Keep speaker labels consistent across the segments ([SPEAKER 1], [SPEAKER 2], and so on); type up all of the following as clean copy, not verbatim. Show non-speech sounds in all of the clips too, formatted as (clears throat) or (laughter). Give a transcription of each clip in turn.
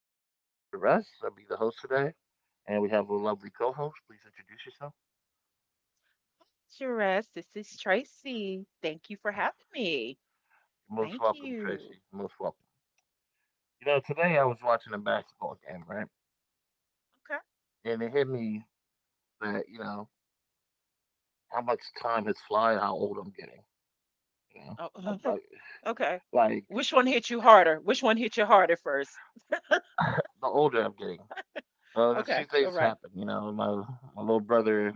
[SPEAKER 1] You know, my name is Jerez. I'll be the host today, and we have a lovely co-host. Please introduce yourself.
[SPEAKER 2] Sures. This is Tracy. Thank you for
[SPEAKER 1] Okay.
[SPEAKER 2] having me.
[SPEAKER 1] You're most
[SPEAKER 2] Thank
[SPEAKER 1] welcome,
[SPEAKER 2] you.
[SPEAKER 1] Tracy. You're most welcome. You know, today I was watching a basketball game, right? And it hit me that you know how much time has fly and how old I'm getting. You know,
[SPEAKER 2] Okay.
[SPEAKER 1] I'm
[SPEAKER 2] Oh, (laughs) okay.
[SPEAKER 1] like
[SPEAKER 2] Which one hit you harder? Which one hit you harder first?
[SPEAKER 1] (coughs) (laughs) The older I'm getting, there's
[SPEAKER 2] Okay.
[SPEAKER 1] two things
[SPEAKER 2] All right.
[SPEAKER 1] happen. My little brother,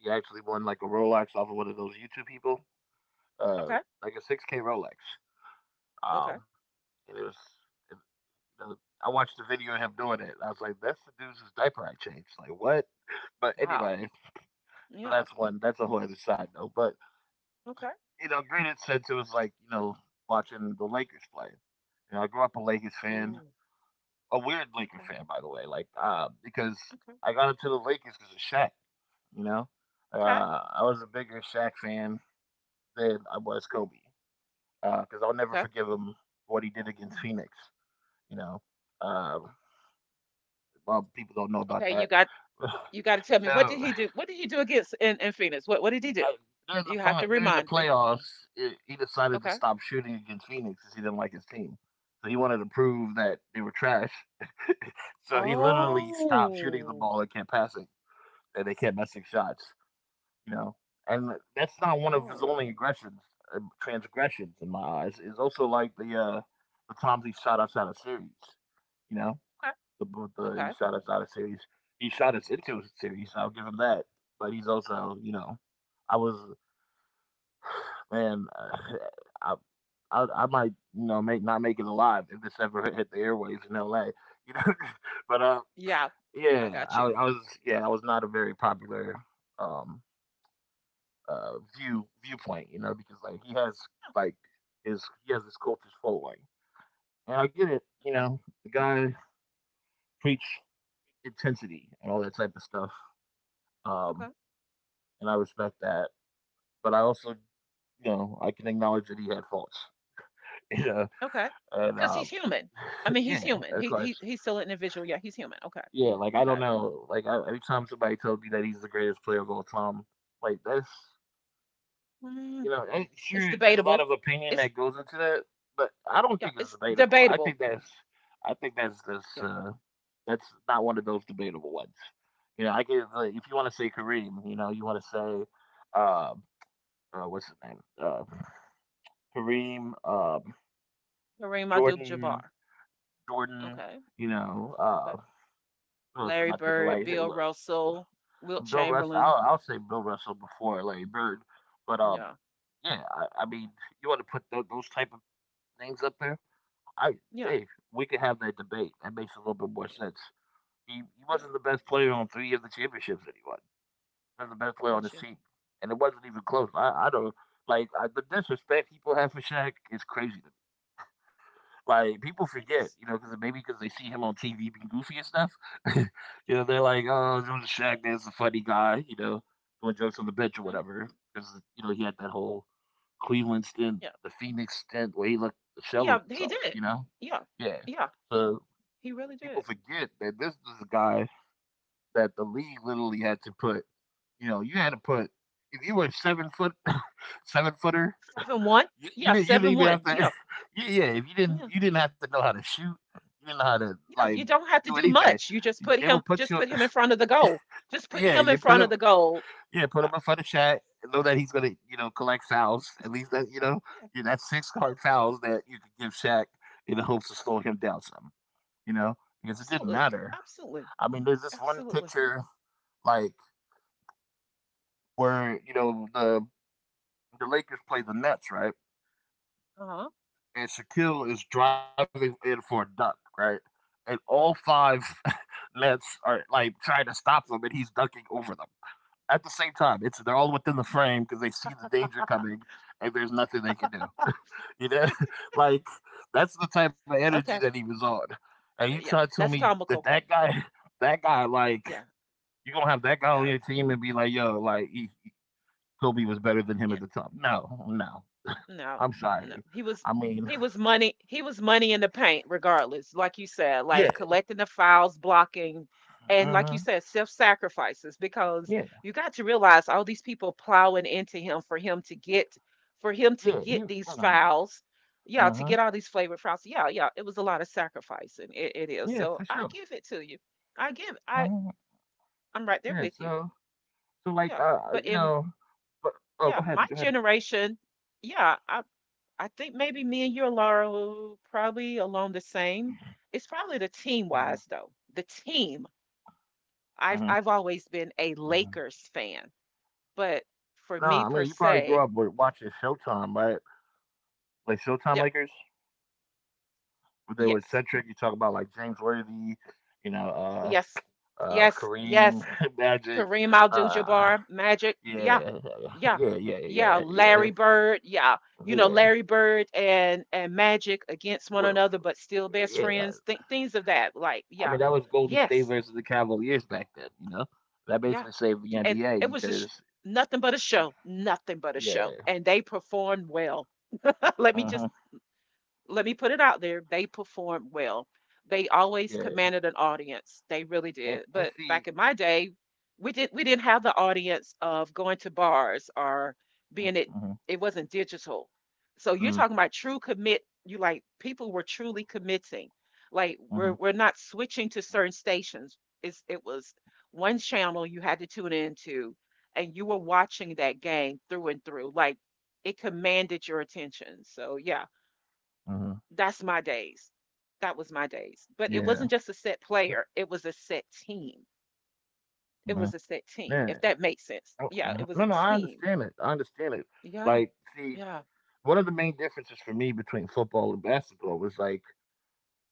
[SPEAKER 1] he actually won like a Rolex off of one of those YouTube people, uh,
[SPEAKER 2] Okay.
[SPEAKER 1] like a 6K Rolex.
[SPEAKER 2] Okay.
[SPEAKER 1] Um, and it was, and, you know, I watched the video of him doing it. I was like, that's the dude's diaper I changed. Like, what? But
[SPEAKER 2] Wow.
[SPEAKER 1] anyway, so
[SPEAKER 2] Yeah.
[SPEAKER 1] that's one, that's a whole other side note. But,
[SPEAKER 2] Okay.
[SPEAKER 1] you know, granted, since it was like, you know, watching the Lakers play, you know, I grew up a Lakers fan,
[SPEAKER 2] Ooh.
[SPEAKER 1] a weird Lakers
[SPEAKER 2] Okay.
[SPEAKER 1] fan, by the way, like, because
[SPEAKER 2] Okay.
[SPEAKER 1] I got into the Lakers because of Shaq, you know?
[SPEAKER 2] Okay.
[SPEAKER 1] I was a bigger Shaq fan than I was Kobe because I'll never
[SPEAKER 2] Okay.
[SPEAKER 1] forgive him what he did against Phoenix. You know, um, Well, people don't know about
[SPEAKER 2] Okay. You
[SPEAKER 1] that.
[SPEAKER 2] got. You got to tell
[SPEAKER 1] (laughs)
[SPEAKER 2] me,
[SPEAKER 1] so
[SPEAKER 2] what did
[SPEAKER 1] I,
[SPEAKER 2] he do? What did he do against in, Phoenix? What did he do?
[SPEAKER 1] during the
[SPEAKER 2] You have to
[SPEAKER 1] during the
[SPEAKER 2] remind me.
[SPEAKER 1] playoffs, I he decided to
[SPEAKER 2] Okay.
[SPEAKER 1] stop shooting against Phoenix because he didn't like his team. So he wanted to prove that they were trash. So he literally stopped shooting the
[SPEAKER 2] Oh.
[SPEAKER 1] ball and kept passing, and they kept missing shots. You know, and that's not one of his
[SPEAKER 2] Oh.
[SPEAKER 1] only aggressions, transgressions in my eyes. It's also like the times he shot outside of series. You know,
[SPEAKER 2] Okay.
[SPEAKER 1] the the He
[SPEAKER 2] Okay.
[SPEAKER 1] Shot Us Out of series. He shot us into a series. I'll give him that. But he's also, you know, I was man, (sighs) uh, I might you know make not make it alive if this ever (laughs) hit the airwaves in L.A. You know, (laughs) but
[SPEAKER 2] Yeah. I
[SPEAKER 1] yeah,
[SPEAKER 2] got you.
[SPEAKER 1] I was yeah I was not a very popular um uh viewpoint. You know, because like he has like his he has his cultish following, and I get it. You
[SPEAKER 2] Okay.
[SPEAKER 1] know, the guy preach intensity and all that type of stuff. Um,
[SPEAKER 2] Okay.
[SPEAKER 1] and I respect that. But I also, you know, I can acknowledge that he had faults, (laughs) you know,
[SPEAKER 2] Okay.
[SPEAKER 1] and
[SPEAKER 2] Because he's human. I mean,
[SPEAKER 1] (laughs) yeah,
[SPEAKER 2] he's human.
[SPEAKER 1] of
[SPEAKER 2] He he
[SPEAKER 1] course,
[SPEAKER 2] he's still an individual. Yeah, he's human. Okay.
[SPEAKER 1] yeah. Like I don't
[SPEAKER 2] Okay.
[SPEAKER 1] know, every time somebody tells me that he's the greatest player of all time, like that's,
[SPEAKER 2] Mm,
[SPEAKER 1] you know, and
[SPEAKER 2] it's
[SPEAKER 1] sure, there's a lot
[SPEAKER 2] debatable.
[SPEAKER 1] of opinion
[SPEAKER 2] It's
[SPEAKER 1] that goes into that, but I don't
[SPEAKER 2] Yeah,
[SPEAKER 1] think it's
[SPEAKER 2] it's
[SPEAKER 1] debatable.
[SPEAKER 2] debatable.
[SPEAKER 1] I think that's that's
[SPEAKER 2] Yeah.
[SPEAKER 1] uh, that's not one of those debatable ones. You know, I can, like, if you want to say Kareem, you know, you want to say, what's his name, Kareem,
[SPEAKER 2] Kareem
[SPEAKER 1] Jordan
[SPEAKER 2] Abdul-Jabbar.
[SPEAKER 1] Jordan,
[SPEAKER 2] Okay.
[SPEAKER 1] you know,
[SPEAKER 2] Okay.
[SPEAKER 1] who else am
[SPEAKER 2] Larry
[SPEAKER 1] I thinking?
[SPEAKER 2] Bird,
[SPEAKER 1] Like, hey,
[SPEAKER 2] Bill
[SPEAKER 1] look,
[SPEAKER 2] Russell, Wilt
[SPEAKER 1] Bill Russell.
[SPEAKER 2] Chamberlain.
[SPEAKER 1] I'll say Bill Russell before Larry Bird, but
[SPEAKER 2] Yeah.
[SPEAKER 1] yeah, I mean, you want to put those type of names up there? I
[SPEAKER 2] Yeah.
[SPEAKER 1] hey, we could have that debate. That makes a little bit more
[SPEAKER 2] Yeah.
[SPEAKER 1] sense. He
[SPEAKER 2] Yeah.
[SPEAKER 1] wasn't the best player on three of the championships that he won. He was the best player on his
[SPEAKER 2] Gotcha.
[SPEAKER 1] team, and it wasn't even close. I don't the disrespect people have for Shaq is crazy. Like people
[SPEAKER 2] It
[SPEAKER 1] forget,
[SPEAKER 2] is.
[SPEAKER 1] you know, because maybe because they see him on TV being goofy and stuff, (laughs) you know, they're like, "Oh, Jonas Shaq, that's a funny guy," you know, doing jokes on the bench or
[SPEAKER 2] Yeah. Mhm.
[SPEAKER 1] whatever. Because you know he had that whole Cleveland stint,
[SPEAKER 2] Yeah.
[SPEAKER 1] the Phoenix stint, where he looked the shell
[SPEAKER 2] Yeah.
[SPEAKER 1] of
[SPEAKER 2] He
[SPEAKER 1] himself.
[SPEAKER 2] did.
[SPEAKER 1] You know,
[SPEAKER 2] Yeah.
[SPEAKER 1] yeah.
[SPEAKER 2] Yeah.
[SPEAKER 1] So
[SPEAKER 2] He really
[SPEAKER 1] people
[SPEAKER 2] did.
[SPEAKER 1] forget that this is a guy that the league literally had to put. You know, you had to put if you were a 7 foot, (coughs) (laughs) seven footer,
[SPEAKER 2] 7'1".
[SPEAKER 1] you
[SPEAKER 2] Yeah.
[SPEAKER 1] didn't. You didn't
[SPEAKER 2] Seven
[SPEAKER 1] even have
[SPEAKER 2] one.
[SPEAKER 1] to.
[SPEAKER 2] Yeah.
[SPEAKER 1] (laughs) yeah, yeah, if you didn't,
[SPEAKER 2] Yeah.
[SPEAKER 1] you didn't have to know how to shoot. You didn't know how to
[SPEAKER 2] Yeah,
[SPEAKER 1] like
[SPEAKER 2] you don't have to
[SPEAKER 1] do
[SPEAKER 2] do
[SPEAKER 1] anything.
[SPEAKER 2] much. You just put
[SPEAKER 1] They will
[SPEAKER 2] him,
[SPEAKER 1] put
[SPEAKER 2] just
[SPEAKER 1] you.
[SPEAKER 2] put
[SPEAKER 1] (laughs)
[SPEAKER 2] him in front of the goal. Just put
[SPEAKER 1] Yeah,
[SPEAKER 2] him in
[SPEAKER 1] you put
[SPEAKER 2] front
[SPEAKER 1] him.
[SPEAKER 2] of the goal.
[SPEAKER 1] Yeah, put him
[SPEAKER 2] Yeah,
[SPEAKER 1] in front of Shaq. Know that he's gonna, you know, collect fouls. At least that you know,
[SPEAKER 2] yeah,
[SPEAKER 1] you that's six
[SPEAKER 2] yeah,
[SPEAKER 1] card fouls that you could give Shaq in the hopes of slowing him down some. You know, because it didn't
[SPEAKER 2] absolutely.
[SPEAKER 1] matter.
[SPEAKER 2] Absolutely.
[SPEAKER 1] I mean, there's this one
[SPEAKER 2] Absolutely.
[SPEAKER 1] picture like where you know the Lakers play the Nets, right?
[SPEAKER 2] Uh-huh.
[SPEAKER 1] And Shaquille is driving in for a dunk, right? And all five (laughs) Nets are like trying to stop them, and he's dunking over them at the same time. It's they're all within the frame because they see the danger coming, and there's nothing they can do. You know, (laughs) like that's the type of energy that
[SPEAKER 2] Okay.
[SPEAKER 1] he was on. And you try to
[SPEAKER 2] Yeah,
[SPEAKER 1] tell
[SPEAKER 2] that's
[SPEAKER 1] me that
[SPEAKER 2] comical.
[SPEAKER 1] that guy, (laughs) that guy,
[SPEAKER 2] Yeah,
[SPEAKER 1] you gonna have that guy on
[SPEAKER 2] yeah.
[SPEAKER 1] your team and be like, yo, Kobe was better than him
[SPEAKER 2] Yeah.
[SPEAKER 1] at the top. No, no,
[SPEAKER 2] No,
[SPEAKER 1] I'm
[SPEAKER 2] no.
[SPEAKER 1] sorry.
[SPEAKER 2] He was
[SPEAKER 1] I mean,
[SPEAKER 2] he was money he was money in the paint regardless, like you said,
[SPEAKER 1] yeah,
[SPEAKER 2] like collecting the fouls, blocking, and like you
[SPEAKER 1] mhm,
[SPEAKER 2] said, self-sacrifices because
[SPEAKER 1] yeah.
[SPEAKER 2] you got to realize all these people plowing into him for him to get, for him to
[SPEAKER 1] Yeah, he
[SPEAKER 2] get these fouls. Yeah, to
[SPEAKER 1] huh
[SPEAKER 2] get all these flavored fouls. Yeah, yeah. It was a lot of sacrificing. It is.
[SPEAKER 1] yeah, for
[SPEAKER 2] So
[SPEAKER 1] sure.
[SPEAKER 2] I give it to you. I give I
[SPEAKER 1] Uh-huh.
[SPEAKER 2] I'm right there
[SPEAKER 1] Yeah,
[SPEAKER 2] with you.
[SPEAKER 1] so so like
[SPEAKER 2] Yeah. But
[SPEAKER 1] you
[SPEAKER 2] in
[SPEAKER 1] know but oh
[SPEAKER 2] Yeah,
[SPEAKER 1] go
[SPEAKER 2] my
[SPEAKER 1] ahead, go ahead.
[SPEAKER 2] generation, yeah, I think maybe me and you, Laura, will probably along the same. It's probably the team
[SPEAKER 1] Uh-huh.
[SPEAKER 2] wise though. The team. I've
[SPEAKER 1] Uh-huh.
[SPEAKER 2] I've always been a
[SPEAKER 1] Uh-huh.
[SPEAKER 2] Lakers fan, but
[SPEAKER 1] No,
[SPEAKER 2] for
[SPEAKER 1] I
[SPEAKER 2] me
[SPEAKER 1] mean you
[SPEAKER 2] per
[SPEAKER 1] probably grew up
[SPEAKER 2] se,
[SPEAKER 1] with watching Showtime, right? Like Showtime
[SPEAKER 2] yeah,
[SPEAKER 1] Lakers, where they were
[SPEAKER 2] yes,
[SPEAKER 1] centric. You talk about like James Worthy, you
[SPEAKER 2] oh,
[SPEAKER 1] know,
[SPEAKER 2] yes, yes,
[SPEAKER 1] Kareem,
[SPEAKER 2] yes.
[SPEAKER 1] (laughs) Magic,
[SPEAKER 2] Kareem
[SPEAKER 1] uh
[SPEAKER 2] Abdul-Jabbar, Magic, yeah,
[SPEAKER 1] yeah,
[SPEAKER 2] yeah,
[SPEAKER 1] yeah, yeah, yeah,
[SPEAKER 2] yeah.
[SPEAKER 1] yeah, yeah.
[SPEAKER 2] Larry Bird, yeah. You know,
[SPEAKER 1] Yeah,
[SPEAKER 2] Larry Bird and Magic against one
[SPEAKER 1] Well,
[SPEAKER 2] another, but still best
[SPEAKER 1] yeah,
[SPEAKER 2] friends. Things of that, like,
[SPEAKER 1] I
[SPEAKER 2] yeah,
[SPEAKER 1] mean, that was Golden State
[SPEAKER 2] yes,
[SPEAKER 1] versus the Cavaliers back then. You know, that
[SPEAKER 2] yeah.
[SPEAKER 1] basically saved the
[SPEAKER 2] And
[SPEAKER 1] NBA
[SPEAKER 2] it was a
[SPEAKER 1] because
[SPEAKER 2] nothing but a show, nothing but a show,
[SPEAKER 1] yeah,
[SPEAKER 2] and they performed well. (laughs) Let me just
[SPEAKER 1] uh-huh,
[SPEAKER 2] Let me put it out there, they performed well. They always
[SPEAKER 1] yeah,
[SPEAKER 2] commanded an audience. They really did.
[SPEAKER 1] and
[SPEAKER 2] But back
[SPEAKER 1] see,
[SPEAKER 2] in my day, we didn't have the audience of going to bars or being
[SPEAKER 1] uh-huh,
[SPEAKER 2] it wasn't digital. So you're
[SPEAKER 1] uh-huh,
[SPEAKER 2] talking about true commit, you like people were truly committing. Like
[SPEAKER 1] uh-huh,
[SPEAKER 2] we're not switching to certain stations. It was one channel you had to tune into, and you were watching that game through and through. Like it commanded your attention. So yeah,
[SPEAKER 1] uh-huh,
[SPEAKER 2] that's my days. That was my
[SPEAKER 1] yeah,
[SPEAKER 2] days. But it wasn't just a set player, it was a set team.
[SPEAKER 1] uh-huh,
[SPEAKER 2] It was a set
[SPEAKER 1] yeah,
[SPEAKER 2] team, if that makes
[SPEAKER 1] Uh,
[SPEAKER 2] sense. Yeah, it
[SPEAKER 1] no,
[SPEAKER 2] was
[SPEAKER 1] no,
[SPEAKER 2] a
[SPEAKER 1] I
[SPEAKER 2] team.
[SPEAKER 1] understand it. I understand it.
[SPEAKER 2] Yeah.
[SPEAKER 1] Like, see,
[SPEAKER 2] Yeah.
[SPEAKER 1] one of the main differences for me between football and basketball was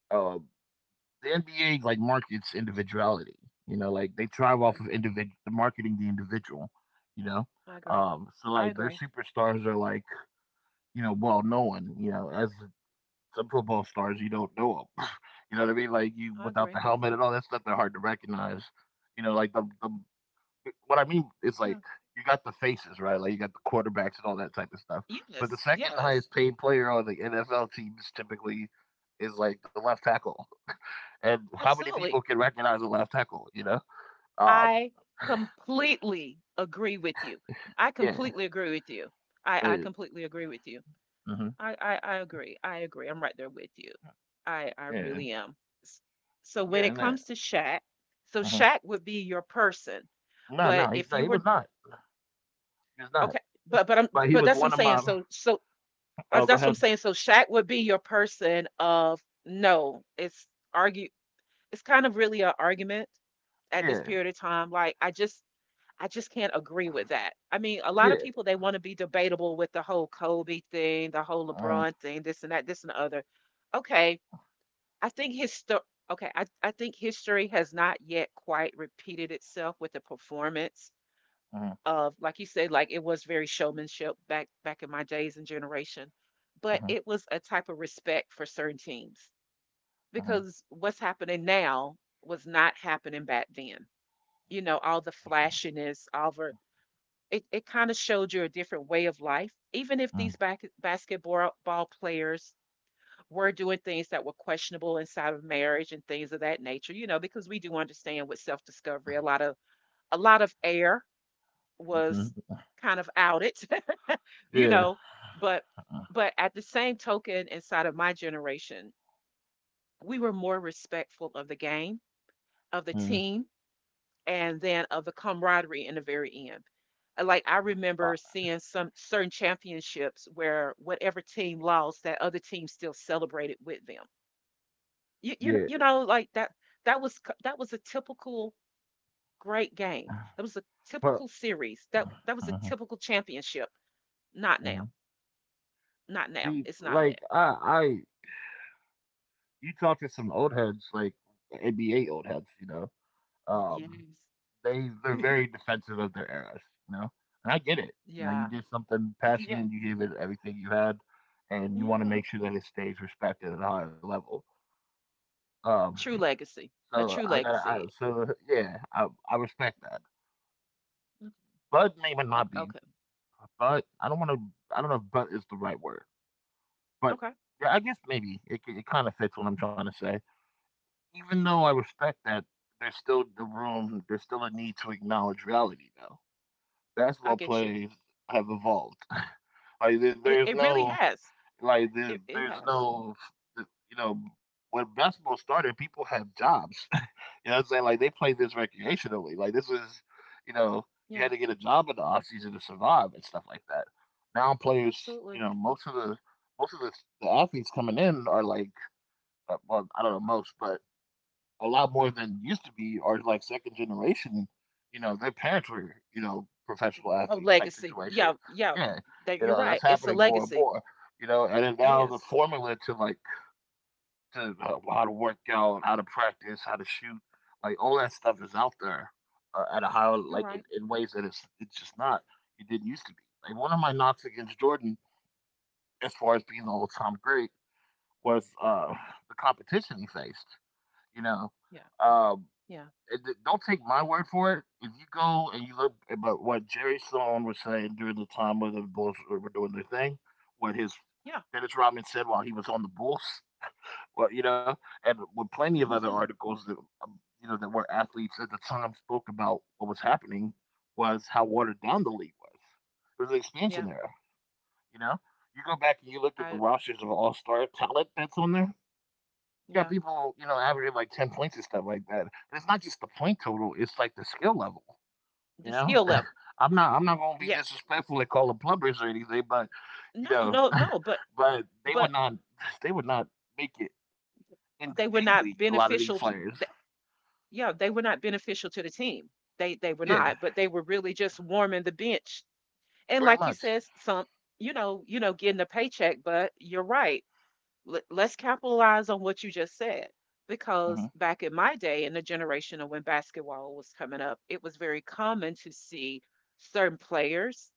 [SPEAKER 1] uh, the NBA like markets individuality. You know, like they thrive
[SPEAKER 2] Okay.
[SPEAKER 1] off of individual marketing the individual. You know,
[SPEAKER 2] I agree.
[SPEAKER 1] so
[SPEAKER 2] I
[SPEAKER 1] like their
[SPEAKER 2] agree.
[SPEAKER 1] superstars are like you know, well known, you know, as some football stars, you don't know them. (laughs) You know what I mean? Like you
[SPEAKER 2] I
[SPEAKER 1] without the
[SPEAKER 2] agree.
[SPEAKER 1] helmet and all that stuff, they're hard to recognize. You know, the what I mean is
[SPEAKER 2] Yeah.
[SPEAKER 1] like you got the faces,
[SPEAKER 2] I,
[SPEAKER 1] right? Like you got the quarterbacks and all that type of stuff. But the
[SPEAKER 2] yes.
[SPEAKER 1] second
[SPEAKER 2] Yes.
[SPEAKER 1] highest paid player on the NFL teams typically is like the left tackle. And how many people
[SPEAKER 2] Absolutely.
[SPEAKER 1] can recognize a left tackle? You know? Um,
[SPEAKER 2] I completely agree with you. I
[SPEAKER 1] yeah.
[SPEAKER 2] completely agree with you. I
[SPEAKER 1] But,
[SPEAKER 2] completely agree with you.
[SPEAKER 1] mhm,
[SPEAKER 2] I agree. I agree. I'm right there with you. I
[SPEAKER 1] yeah.
[SPEAKER 2] really am. S- So
[SPEAKER 1] Yeah.
[SPEAKER 2] when it
[SPEAKER 1] And that.
[SPEAKER 2] comes to Shaq, so
[SPEAKER 1] Mhm.
[SPEAKER 2] Shaq would be your person,
[SPEAKER 1] No,
[SPEAKER 2] but
[SPEAKER 1] no, he's
[SPEAKER 2] if
[SPEAKER 1] not.
[SPEAKER 2] you
[SPEAKER 1] He was
[SPEAKER 2] were,
[SPEAKER 1] not. He was not.
[SPEAKER 2] okay, but but I'm
[SPEAKER 1] But he
[SPEAKER 2] but
[SPEAKER 1] was
[SPEAKER 2] that's what I'm
[SPEAKER 1] one of
[SPEAKER 2] saying.
[SPEAKER 1] my. (laughs)
[SPEAKER 2] So
[SPEAKER 1] Oh, go
[SPEAKER 2] that's what I'm
[SPEAKER 1] ahead.
[SPEAKER 2] saying. So Shaq would be your person of no. It's argue. It's kind of really an argument at this
[SPEAKER 1] Yeah,
[SPEAKER 2] period of time. Like I just can't agree with that. I mean, a lot
[SPEAKER 1] yeah.
[SPEAKER 2] of people they want to be debatable with the whole Kobe thing, the whole
[SPEAKER 1] Uh-huh,
[SPEAKER 2] LeBron thing, this and that, this and the other, okay, I think histo okay, I think history has not yet quite repeated itself with the performance
[SPEAKER 1] uh-huh,
[SPEAKER 2] of, like you said, like, it was very showmanship back in my days and generation, but
[SPEAKER 1] uh-huh,
[SPEAKER 2] it was a type of respect for certain teams,
[SPEAKER 1] uh-huh,
[SPEAKER 2] because what's happening now was not happening back then. You know, all the flashiness, all the, it kinda showed you a different way of life, even if
[SPEAKER 1] uh, uh,
[SPEAKER 2] these back basketball ball players were doing things that were questionable inside of marriage and things of that nature, you know, because we do understand with self-discovery, a lot of air was kind of outed, (laughs) you
[SPEAKER 1] Yeah,
[SPEAKER 2] know, but
[SPEAKER 1] uh,
[SPEAKER 2] at the same token, inside of my generation, we were more respectful of the game, of the
[SPEAKER 1] uh,
[SPEAKER 2] team, and then of the camaraderie in the very end. Like I
[SPEAKER 1] uh,
[SPEAKER 2] remember seeing some certain championships where whatever team lost, that other team still celebrated with them. You
[SPEAKER 1] yeah.
[SPEAKER 2] you you know, like, that, that was k that was a typical great game. That was a
[SPEAKER 1] But
[SPEAKER 2] typical series. That was a
[SPEAKER 1] uh-huh,
[SPEAKER 2] typical championship. Not
[SPEAKER 1] uh-huh.
[SPEAKER 2] now. Not now.
[SPEAKER 1] see,
[SPEAKER 2] It's not
[SPEAKER 1] like
[SPEAKER 2] that.
[SPEAKER 1] I, you talk to some old heads, like NBA old heads, you know.
[SPEAKER 2] Y
[SPEAKER 1] Um,
[SPEAKER 2] Yes.
[SPEAKER 1] they they're very
[SPEAKER 2] (laughs)
[SPEAKER 1] defensive of their eras, you know. And I get it. You know, you
[SPEAKER 2] Yeah.
[SPEAKER 1] did something
[SPEAKER 2] Yeah.
[SPEAKER 1] passionate, you gave it everything you had, and you want to
[SPEAKER 2] Yeah.
[SPEAKER 1] make sure that it stays respected at a higher level. Um,
[SPEAKER 2] A true legacy. A true legacy.
[SPEAKER 1] so yeah, I respect that.
[SPEAKER 2] Mm,
[SPEAKER 1] Bud may or
[SPEAKER 2] ok,
[SPEAKER 1] not be,
[SPEAKER 2] okay.
[SPEAKER 1] but I don't want to. I don't know if "but" is the right word, but
[SPEAKER 2] Okay.
[SPEAKER 1] yeah, I guess maybe it it kind of fits what I'm trying to say. Even though I respect that, there's still the room. There's still a need to acknowledge reality, though.
[SPEAKER 2] I
[SPEAKER 1] Basketball
[SPEAKER 2] get you.
[SPEAKER 1] plays have evolved. (laughs) like there,
[SPEAKER 2] It
[SPEAKER 1] there's
[SPEAKER 2] it really
[SPEAKER 1] no
[SPEAKER 2] has.
[SPEAKER 1] like there,
[SPEAKER 2] It
[SPEAKER 1] there's
[SPEAKER 2] has.
[SPEAKER 1] no you know when basketball started, people had jobs. You know what I'm saying? Like, they play this recreationally. Like, this is, you know, you
[SPEAKER 2] Yeah.
[SPEAKER 1] had to get a job in the offseason to survive and stuff like that. Now players, you
[SPEAKER 2] Absolutely.
[SPEAKER 1] know, most of the athletes coming in are like, well, I don't know most, but a lot more than used to be are like second generation. You know, their parents were, you know, professional
[SPEAKER 2] A
[SPEAKER 1] athletes type
[SPEAKER 2] legacy. Yeah.
[SPEAKER 1] situation.
[SPEAKER 2] Yeah.
[SPEAKER 1] Yeah,
[SPEAKER 2] That,
[SPEAKER 1] you
[SPEAKER 2] you're
[SPEAKER 1] know,
[SPEAKER 2] right.
[SPEAKER 1] that's
[SPEAKER 2] It's a
[SPEAKER 1] happening more and
[SPEAKER 2] legacy.
[SPEAKER 1] more. You know, and then
[SPEAKER 2] It
[SPEAKER 1] now the
[SPEAKER 2] is.
[SPEAKER 1] formula to like to how to work out, how to practice, how to shoot. Like all that stuff is out there at a higher,
[SPEAKER 2] You're right.
[SPEAKER 1] in ways that it's just not. It didn't used to be. Like one of my knocks against Jordan, as far as being the all time great, was the competition he faced. You know,
[SPEAKER 2] Yeah.
[SPEAKER 1] um,
[SPEAKER 2] Yeah.
[SPEAKER 1] and don't take my word for it. If you go and you look about what Jerry Sloan was saying during the time when the Bulls were doing their thing, what his Dennis Rodman said while he was on the Bulls, well, you know, and with plenty of other
[SPEAKER 2] Yeah. (laughs)
[SPEAKER 1] articles that that were athletes at the time spoke about what was happening was how watered down the league was. It was an
[SPEAKER 2] Yeah,
[SPEAKER 1] expansion era. You know, you go back and you look at the
[SPEAKER 2] I,
[SPEAKER 1] rosters of all star talent that's on there. You got
[SPEAKER 2] yeah,
[SPEAKER 1] people, averaging like 10 points and stuff like that. And it's not just the point total; it's like the skill level. You
[SPEAKER 2] the
[SPEAKER 1] know,
[SPEAKER 2] skill level.
[SPEAKER 1] (laughs) I'm not gonna be
[SPEAKER 2] Yeah.
[SPEAKER 1] disrespectful and call them plumbers or anything, but you
[SPEAKER 2] No,
[SPEAKER 1] know,
[SPEAKER 2] no, no, but
[SPEAKER 1] (laughs) but they would
[SPEAKER 2] but
[SPEAKER 1] not (laughs) they would not make it in the
[SPEAKER 2] they
[SPEAKER 1] G
[SPEAKER 2] were
[SPEAKER 1] League, a
[SPEAKER 2] not
[SPEAKER 1] lot of these
[SPEAKER 2] beneficial
[SPEAKER 1] players.
[SPEAKER 2] th- yeah, they were not beneficial to the team. They were
[SPEAKER 1] Yeah,
[SPEAKER 2] not, but they were really just warming the bench. And
[SPEAKER 1] pretty
[SPEAKER 2] like you
[SPEAKER 1] much.
[SPEAKER 2] said, some, you know, getting a paycheck, but you're right. Let's capitalize on what you just said.
[SPEAKER 1] Mhm.
[SPEAKER 2] Because back in my day, in the generation of when basketball was coming up, it was very common to see certain players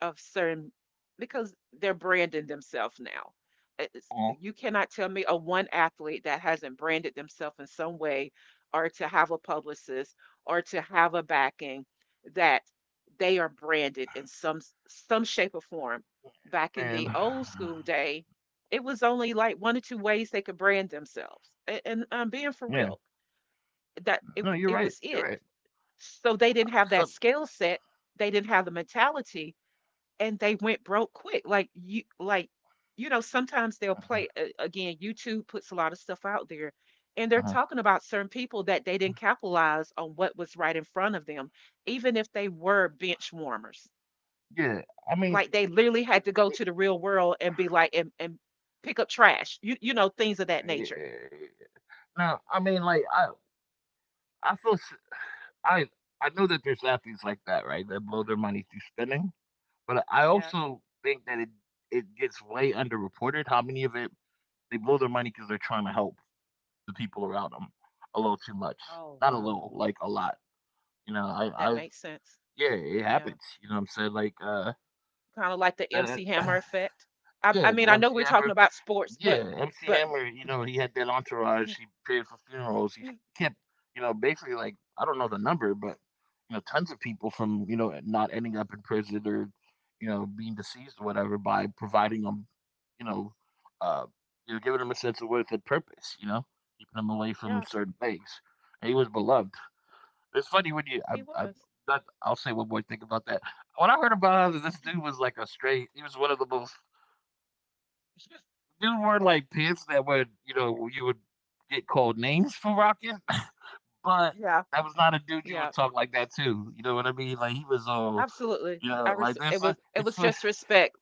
[SPEAKER 2] of certain, because they're branding themselves now. It's,
[SPEAKER 1] Mhm.
[SPEAKER 2] you cannot tell me a one athlete that hasn't branded themselves in some way or to have a publicist or to have a backing that they are branded in some, shape or form. Back in
[SPEAKER 1] And
[SPEAKER 2] the old school day, it was only like one or two ways they could brand themselves. And I'm
[SPEAKER 1] yeah,
[SPEAKER 2] being for real,
[SPEAKER 1] no,
[SPEAKER 2] that
[SPEAKER 1] you're right.
[SPEAKER 2] it
[SPEAKER 1] You're
[SPEAKER 2] was
[SPEAKER 1] right.
[SPEAKER 2] it. So they didn't
[SPEAKER 1] So,
[SPEAKER 2] have that skill set, they didn't have the mentality, and they went broke quick. Like you know, sometimes they'll
[SPEAKER 1] uh-huh.
[SPEAKER 2] play again. YouTube puts a lot of stuff out there, and they're
[SPEAKER 1] Uh-huh.
[SPEAKER 2] talking about certain people that they didn't capitalize on what was right in front of them, even if they were bench warmers.
[SPEAKER 1] Yeah, I mean,
[SPEAKER 2] Like they literally had to go to the real world and be like, and pick up trash, you know, things of that
[SPEAKER 1] yeah.
[SPEAKER 2] nature.
[SPEAKER 1] No, I mean, like I feel, s- I, I know that there's athletes like that, right, that blow their money through spending. But I
[SPEAKER 2] Yeah.
[SPEAKER 1] also think that it gets way underreported. How many of it they blow their money because they're trying to help the people around them a little too much,
[SPEAKER 2] Oh
[SPEAKER 1] not a little,
[SPEAKER 2] wow,
[SPEAKER 1] like a lot. You know, I, I,
[SPEAKER 2] that makes sense.
[SPEAKER 1] yeah, it
[SPEAKER 2] Yeah,
[SPEAKER 1] happens. You know what I'm saying?
[SPEAKER 2] kind of like the
[SPEAKER 1] That,
[SPEAKER 2] MC
[SPEAKER 1] (sighs)
[SPEAKER 2] Hammer effect. I
[SPEAKER 1] yeah,
[SPEAKER 2] mean, I
[SPEAKER 1] the
[SPEAKER 2] know
[SPEAKER 1] MC
[SPEAKER 2] we're talking
[SPEAKER 1] Hammer,
[SPEAKER 2] about sports, but,
[SPEAKER 1] yeah, MC
[SPEAKER 2] but
[SPEAKER 1] Hammer. You know, he had that entourage.
[SPEAKER 2] yeah,
[SPEAKER 1] He paid for funerals. He
[SPEAKER 2] yeah.
[SPEAKER 1] kept, basically like I don't know the number, but tons of people from not ending up in prison or being deceased or whatever by providing them, you know, uh, giving them a sense of worth and purpose. You know, keeping them away from
[SPEAKER 2] Yeah.
[SPEAKER 1] certain things. And he was beloved. It's funny when you
[SPEAKER 2] He
[SPEAKER 1] I
[SPEAKER 2] was.
[SPEAKER 1] that I'll say one more thing about that. When I heard about how this dude was like a straight, he was one of the most dude wore like pants that would you would get called names for rocking, (laughs) but
[SPEAKER 2] Yeah,
[SPEAKER 1] that was not a dude you
[SPEAKER 2] yeah,
[SPEAKER 1] would talk like that to. You know what I mean? Like he was all
[SPEAKER 2] absolutely.
[SPEAKER 1] you know like
[SPEAKER 2] It
[SPEAKER 1] this.
[SPEAKER 2] was, it
[SPEAKER 1] It's
[SPEAKER 2] was
[SPEAKER 1] for.
[SPEAKER 2] just respect.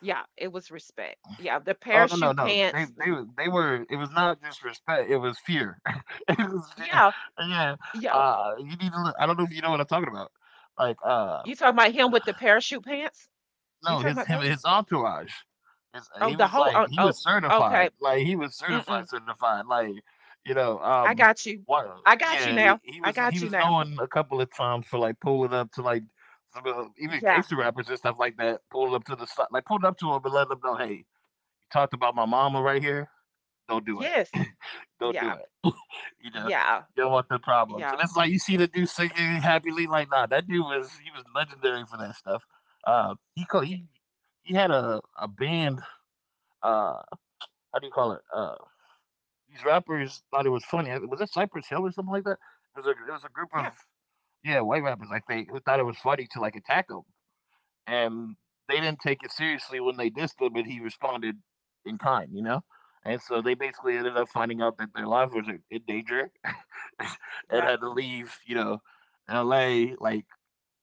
[SPEAKER 2] Yeah, it was respect. Yeah, the
[SPEAKER 1] Oh, no, no,
[SPEAKER 2] parachute
[SPEAKER 1] no, they
[SPEAKER 2] pants.
[SPEAKER 1] they were it was not just respect, it was fear. (laughs) It was fear.
[SPEAKER 2] Yeah,
[SPEAKER 1] Yeah.
[SPEAKER 2] yeah.
[SPEAKER 1] You need to look. I don't know if you know what I'm talking about. Like uh
[SPEAKER 2] You talking about him with the parachute pants? You
[SPEAKER 1] No,
[SPEAKER 2] talking about those?
[SPEAKER 1] his entourage.
[SPEAKER 2] Oh,
[SPEAKER 1] He
[SPEAKER 2] the
[SPEAKER 1] was
[SPEAKER 2] whole.
[SPEAKER 1] like
[SPEAKER 2] Oh,
[SPEAKER 1] he
[SPEAKER 2] oh
[SPEAKER 1] was certified,
[SPEAKER 2] okay.
[SPEAKER 1] like he was
[SPEAKER 2] Mm-mm.
[SPEAKER 1] certified, certified, like you know,
[SPEAKER 2] I
[SPEAKER 1] um,
[SPEAKER 2] got you.
[SPEAKER 1] what?
[SPEAKER 2] I got you
[SPEAKER 1] Yeah,
[SPEAKER 2] now. I
[SPEAKER 1] he
[SPEAKER 2] got
[SPEAKER 1] was
[SPEAKER 2] you now.
[SPEAKER 1] known a couple of times for like pulling up to like even
[SPEAKER 2] Yeah.
[SPEAKER 1] gangster rappers and stuff like that, pulling up to the si- like pulling up to him and letting them know, hey, you talked about my mama right here. Don't do it.
[SPEAKER 2] Yes.
[SPEAKER 1] (laughs) Don't do
[SPEAKER 2] Yeah.
[SPEAKER 1] it. You know,
[SPEAKER 2] Yeah.
[SPEAKER 1] you don't want the problems. And
[SPEAKER 2] Yeah.
[SPEAKER 1] it's like you see the dude singing happily, like nah, that dude was he was legendary for that stuff. He called
[SPEAKER 2] Yeah.
[SPEAKER 1] he had a band. Uh, how do you call it? These rappers thought it was funny. Was it Cypress Hill or something like that? It was a group of
[SPEAKER 2] Yeah.
[SPEAKER 1] yeah white rappers like they who thought it was funny to like attack him and they didn't take it seriously when they dissed him, but he responded in kind, you know? And so they basically ended up finding out that their life was in danger (laughs) and
[SPEAKER 2] Yeah.
[SPEAKER 1] had to leave, LA, like,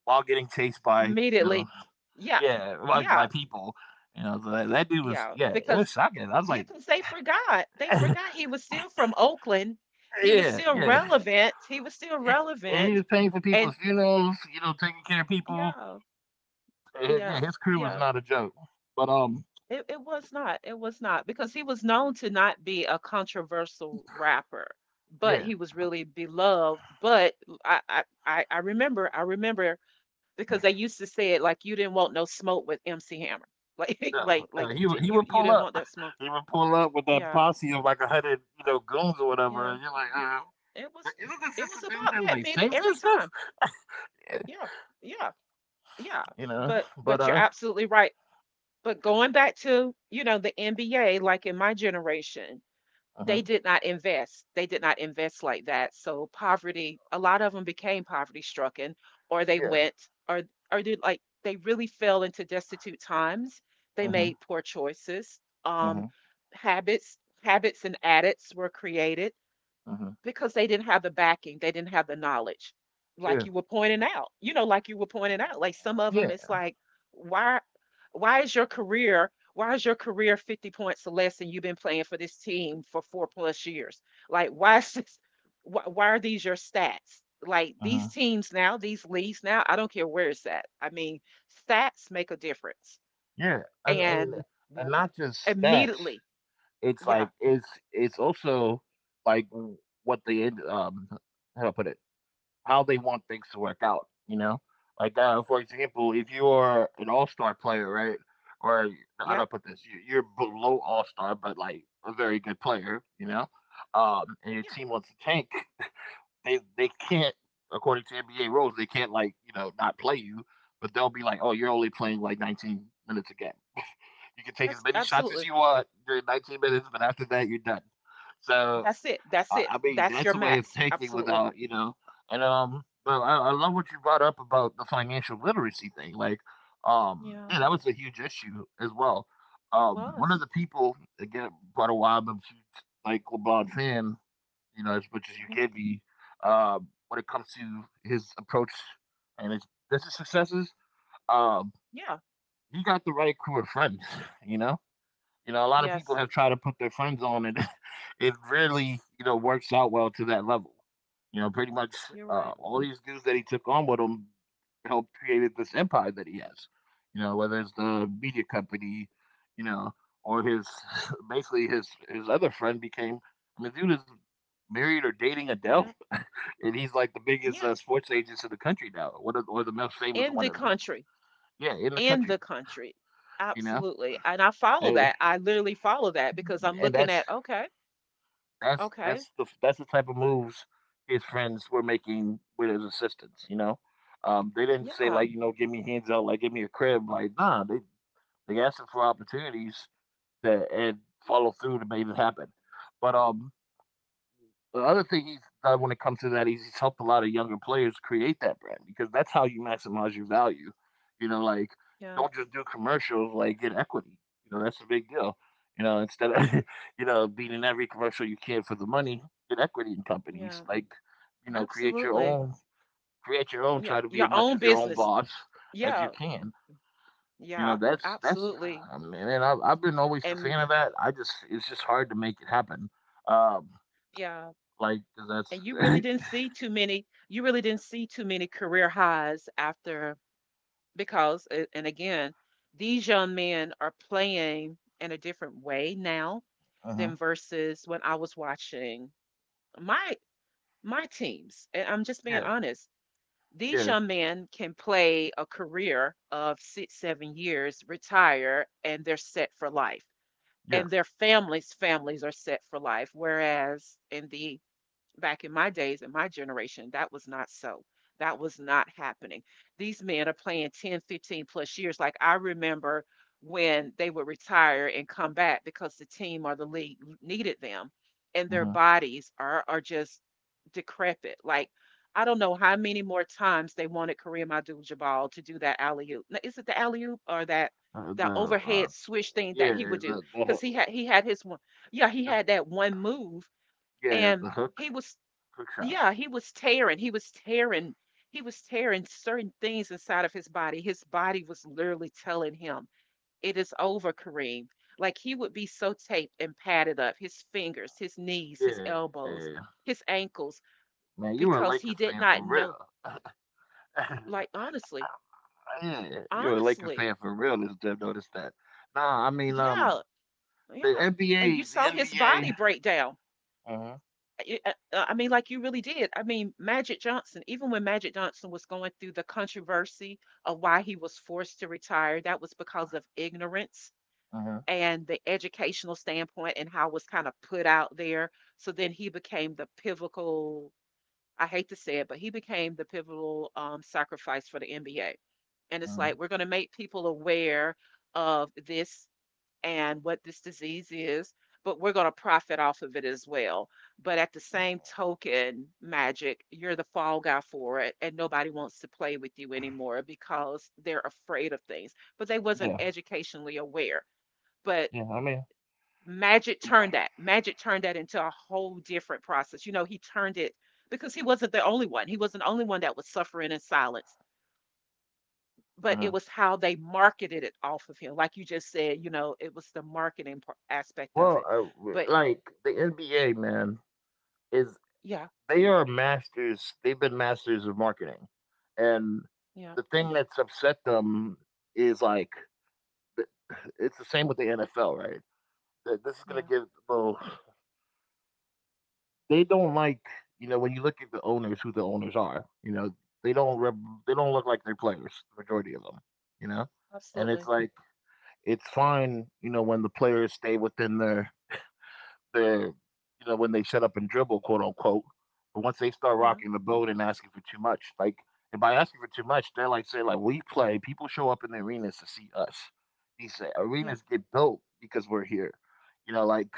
[SPEAKER 1] while getting chased by,
[SPEAKER 2] Immediately. Yeah.
[SPEAKER 1] yeah, by
[SPEAKER 2] Yeah.
[SPEAKER 1] people. You know, so that, that dude was,
[SPEAKER 2] Yeah.
[SPEAKER 1] yeah, it
[SPEAKER 2] Because
[SPEAKER 1] was shocking. I was
[SPEAKER 2] you
[SPEAKER 1] like,
[SPEAKER 2] can say forgot. They
[SPEAKER 1] (laughs)
[SPEAKER 2] forgot he was still from Oakland. He
[SPEAKER 1] yeah,
[SPEAKER 2] was still
[SPEAKER 1] yeah.
[SPEAKER 2] relevant. He was still
[SPEAKER 1] And and he
[SPEAKER 2] relevant.
[SPEAKER 1] was paying for
[SPEAKER 2] And
[SPEAKER 1] people's funerals, you know, taking care of people.
[SPEAKER 2] yeah,
[SPEAKER 1] Yeah,
[SPEAKER 2] yeah,
[SPEAKER 1] his crew was
[SPEAKER 2] yeah.
[SPEAKER 1] not a joke. But
[SPEAKER 2] It was not. It was not because he was known to not be a controversial rapper, but
[SPEAKER 1] yeah.
[SPEAKER 2] he was really beloved. But I remember, I remember because they used to say it like you didn't want no smoke with MC Hammer. (laughs)
[SPEAKER 1] No, no,
[SPEAKER 2] Like you,
[SPEAKER 1] he
[SPEAKER 2] you,
[SPEAKER 1] would
[SPEAKER 2] you
[SPEAKER 1] pull
[SPEAKER 2] didn't
[SPEAKER 1] up.
[SPEAKER 2] want
[SPEAKER 1] (laughs)
[SPEAKER 2] that smoke.
[SPEAKER 1] He would pull up with that
[SPEAKER 2] Yeah,
[SPEAKER 1] posse of like a hundred, you know, goons or whatever,
[SPEAKER 2] yeah.
[SPEAKER 1] and you're
[SPEAKER 2] It
[SPEAKER 1] like,
[SPEAKER 2] was,
[SPEAKER 1] isn't this
[SPEAKER 2] it
[SPEAKER 1] just a
[SPEAKER 2] was
[SPEAKER 1] dude
[SPEAKER 2] about
[SPEAKER 1] that
[SPEAKER 2] that
[SPEAKER 1] like
[SPEAKER 2] many
[SPEAKER 1] sings and
[SPEAKER 2] every
[SPEAKER 1] stuff?
[SPEAKER 2] time.
[SPEAKER 1] Yeah,
[SPEAKER 2] Yeah. Yeah. Yeah.
[SPEAKER 1] you know,
[SPEAKER 2] But
[SPEAKER 1] but
[SPEAKER 2] you're absolutely right. But going back to, you know, the NBA, like in my generation,
[SPEAKER 1] uh-huh,
[SPEAKER 2] they did not invest. They did not invest like that. So poverty, a lot of them became poverty stricken, or they
[SPEAKER 1] yeah,
[SPEAKER 2] went, or, did, like they really fell into destitute times. They
[SPEAKER 1] uh-huh,
[SPEAKER 2] made poor choices. Um
[SPEAKER 1] uh-huh,
[SPEAKER 2] habits Habits and addicts were created
[SPEAKER 1] uh-huh,
[SPEAKER 2] because they didn't have the backing, they didn't have the knowledge,
[SPEAKER 1] yeah,
[SPEAKER 2] like you were pointing out. You know, like you were pointing out, like some of them,
[SPEAKER 1] yeah,
[SPEAKER 2] it's like, why, why is your career 50 points or less and you've been playing for this team for 4 plus years? Like, why is this, why are these your stats? Like these
[SPEAKER 1] uh-huh,
[SPEAKER 2] teams now, these leagues now, I don't care where it's at. I mean, stats make a difference.
[SPEAKER 1] yeah, and and
[SPEAKER 2] And
[SPEAKER 1] and
[SPEAKER 2] w-
[SPEAKER 1] not just stats.
[SPEAKER 2] immediately, yeah,
[SPEAKER 1] It's also like what the how do I put it? How they want things to work out, you know? Like, for example, if you are an all star player, right? Or I do
[SPEAKER 2] yep,
[SPEAKER 1] not put this? You're below all star, but like a very good player, you know? And your
[SPEAKER 2] yeah,
[SPEAKER 1] team wants to tank, they can't, according to NBA rules, they can't like, you know, not play you, but they'll be like, oh, you're
[SPEAKER 2] yeah.
[SPEAKER 1] only playing like 19 minutes a game. You can take as
[SPEAKER 2] That's
[SPEAKER 1] many shots as
[SPEAKER 2] absolutely.
[SPEAKER 1] you want during 19 minutes, but after that, you're done. So
[SPEAKER 2] That's it. That's it.
[SPEAKER 1] I mean,
[SPEAKER 2] That's
[SPEAKER 1] that's
[SPEAKER 2] your
[SPEAKER 1] a way of
[SPEAKER 2] max.
[SPEAKER 1] taking
[SPEAKER 2] Absolutely.
[SPEAKER 1] without, you know. And but I love what you brought up about the financial literacy thing. Like,
[SPEAKER 2] Yeah,
[SPEAKER 1] yeah, that was a huge issue as well.
[SPEAKER 2] it
[SPEAKER 1] One of
[SPEAKER 2] was.
[SPEAKER 1] the people again brought a while, but she's like LeBron fan, you know, as much as you
[SPEAKER 2] Mhm.
[SPEAKER 1] can be. When it comes to his approach and his business successes, um,
[SPEAKER 2] Yeah.
[SPEAKER 1] he got the right crew of friends, you know you know, a lot of people
[SPEAKER 2] Yes.
[SPEAKER 1] have tried to put their friends on, and (laughs) it really, you know, works out well to that level. You know, pretty much
[SPEAKER 2] You're right.
[SPEAKER 1] all these dudes that he took on with him helped created this empire that he has. You know, whether it's the media company, you know, or his (laughs) basically his other friend became. I mean, dude is married or dating Adele,
[SPEAKER 2] Yep.
[SPEAKER 1] (laughs) and he's like the biggest
[SPEAKER 2] Yeah,
[SPEAKER 1] sports agent in the country now, one of, or the most famous
[SPEAKER 2] in
[SPEAKER 1] one
[SPEAKER 2] the
[SPEAKER 1] at least.
[SPEAKER 2] country,
[SPEAKER 1] Yeah, in the
[SPEAKER 2] in
[SPEAKER 1] country,
[SPEAKER 2] the country.
[SPEAKER 1] you know,
[SPEAKER 2] Absolutely. And I follow
[SPEAKER 1] and,
[SPEAKER 2] that. I literally follow that because I'm
[SPEAKER 1] and
[SPEAKER 2] looking at, okay,
[SPEAKER 1] that's
[SPEAKER 2] okay,
[SPEAKER 1] that's the type of moves his friends were making with his assistants, you know? They didn't say
[SPEAKER 2] yeah,
[SPEAKER 1] like, you know, give me hands out, like give me a crib, like nah, they asked him for opportunities that and follow through to make it happen. But the other thing he's done when it comes to that is he's helped a lot of younger players create that brand because that's how you maximize your value. You know, like
[SPEAKER 2] yeah.
[SPEAKER 1] don't just do commercials, like get equity. You know, that's a big deal. You know, instead of (laughs) you know, being in every commercial you can for the money, get equity in companies.
[SPEAKER 2] Yeah.
[SPEAKER 1] Like, you know,
[SPEAKER 2] Absolutely.
[SPEAKER 1] create your own,
[SPEAKER 2] Yeah,
[SPEAKER 1] try to be
[SPEAKER 2] your
[SPEAKER 1] as much
[SPEAKER 2] own
[SPEAKER 1] of your own
[SPEAKER 2] business.
[SPEAKER 1] boss as you
[SPEAKER 2] Yeah,
[SPEAKER 1] can. You know,
[SPEAKER 2] yeah,
[SPEAKER 1] that's
[SPEAKER 2] absolutely.
[SPEAKER 1] I mean, and I've been always a fan
[SPEAKER 2] And
[SPEAKER 1] of that. I just it's just hard to make it happen. Um
[SPEAKER 2] yeah,
[SPEAKER 1] like 'cause
[SPEAKER 2] and you really
[SPEAKER 1] that's (laughs)
[SPEAKER 2] didn't see too many, career highs after because and again, these young men are playing in a different way now than
[SPEAKER 1] hmm.
[SPEAKER 2] versus when I was watching my my teams, and I'm just being
[SPEAKER 1] Yeah,
[SPEAKER 2] honest. These
[SPEAKER 1] yeah,
[SPEAKER 2] young men can play a career of 6, 7 years, retire, and they're set for life.
[SPEAKER 1] yeah.
[SPEAKER 2] And their families are set for life, whereas in the back in my days, in my generation, that was not so. That was not happening. These men are playing 10, 15 plus years. Like, I remember when they would retire and come back because the team or the league needed them, and their
[SPEAKER 1] Hmm.
[SPEAKER 2] bodies are just decrepit. Like, I don't know how many more times they wanted Kareem Abdul-Jabbar to do that alley-oop. Now, is it the alley-oop or that that
[SPEAKER 1] The
[SPEAKER 2] overhead swish thing
[SPEAKER 1] yeah,
[SPEAKER 2] that he would do?
[SPEAKER 1] the,
[SPEAKER 2] Because
[SPEAKER 1] hook-
[SPEAKER 2] he had his one, yeah, he
[SPEAKER 1] the
[SPEAKER 2] had that one move,
[SPEAKER 1] yeah, the
[SPEAKER 2] and
[SPEAKER 1] hook
[SPEAKER 2] he was
[SPEAKER 1] hook shot.
[SPEAKER 2] yeah, he was tearing. He was tearing. He was tearing certain things inside of his body. His body was literally telling him, "It is over, Kareem." Like, he would be so taped and padded up, his fingers, his knees, his
[SPEAKER 1] Yeah,
[SPEAKER 2] elbows, his ankles,
[SPEAKER 1] man, you were a Lakers
[SPEAKER 2] because
[SPEAKER 1] fan
[SPEAKER 2] he
[SPEAKER 1] for
[SPEAKER 2] did not
[SPEAKER 1] real.
[SPEAKER 2] know.
[SPEAKER 1] (laughs)
[SPEAKER 2] Like, honestly,
[SPEAKER 1] Yeah, you were a Lakers fan
[SPEAKER 2] honestly,
[SPEAKER 1] for real. This Dev noticed that. Nah, I mean,
[SPEAKER 2] yeah,
[SPEAKER 1] the
[SPEAKER 2] yeah. And
[SPEAKER 1] NBA,
[SPEAKER 2] you
[SPEAKER 1] the
[SPEAKER 2] saw his
[SPEAKER 1] NBA.
[SPEAKER 2] body break down.
[SPEAKER 1] Uh huh.
[SPEAKER 2] I mean, like, you really did. I mean, Magic Johnson, even when Magic Johnson was going through the controversy of why he was forced to retire, that was because of ignorance
[SPEAKER 1] Uh huh.
[SPEAKER 2] and the educational standpoint and how it was kind of put out there. So then he became the pivotal, I hate to say it, but he became the pivotal sacrifice for the NBA. And it's
[SPEAKER 1] Uh-huh.
[SPEAKER 2] like, we're going to make people aware of this and what this disease is, but we're going to profit off of it as well. But at the same token, Magic, you're the fall guy for it, and nobody wants to play with you anymore because they're afraid of things. But they wasn't
[SPEAKER 1] Yeah,
[SPEAKER 2] educationally aware. But
[SPEAKER 1] yeah.
[SPEAKER 2] Magic turned that. Magic turned that into a whole different process. You know, he turned it because he wasn't the only one. He wasn't the only one that was suffering in silence, but
[SPEAKER 1] Uh
[SPEAKER 2] it was how they marketed it off of him. Like you just said, you know, it was the marketing aspect of
[SPEAKER 1] well,
[SPEAKER 2] it. But he-
[SPEAKER 1] like the NBA, man, is.
[SPEAKER 2] yeah,
[SPEAKER 1] They are masters, they've been masters of marketing, and
[SPEAKER 2] yeah,
[SPEAKER 1] the thing that's upset them is, like, the it's the same with the NFL, right? Th this is gonna
[SPEAKER 2] yeah,
[SPEAKER 1] give well, they don't like you know, when you look at the owners, who the owners are, you know, they don't rep they don't look like their players, the majority of them, you know? And it's
[SPEAKER 2] absolutely.
[SPEAKER 1] like, it's fine, you know, when the players stay within their they're you know, when they "shut up and dribble," quote unquote, but once they start
[SPEAKER 2] Yeah,
[SPEAKER 1] rocking the boat and asking for too much, like, and by asking for too much, they're like saying like, "We play. People show up in the arenas to see us." He said,
[SPEAKER 2] yeah,
[SPEAKER 1] "Arenas get built because we're here." You know, like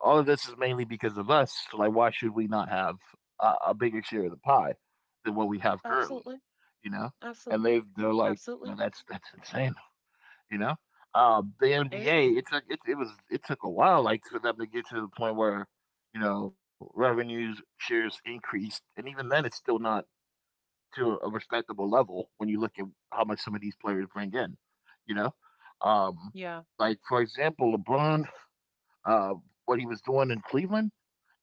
[SPEAKER 1] all of this is mainly because of us. So like, why should we not have a bigger share of the pie than what we have currently?
[SPEAKER 2] absolutely,
[SPEAKER 1] You know, and
[SPEAKER 2] absolutely,
[SPEAKER 1] they they're like, you know,
[SPEAKER 2] absolutely.
[SPEAKER 1] that's insane, you know? The
[SPEAKER 2] It
[SPEAKER 1] NBA,
[SPEAKER 2] is.
[SPEAKER 1] it was it took a while, like for them to get to the point where you know revenues shares increased, and even then, it's still not to a respectable level when you look at how much some of these players bring in. You know, um,
[SPEAKER 2] Yeah,
[SPEAKER 1] like for example, LeBron, uh, what he was doing in Cleveland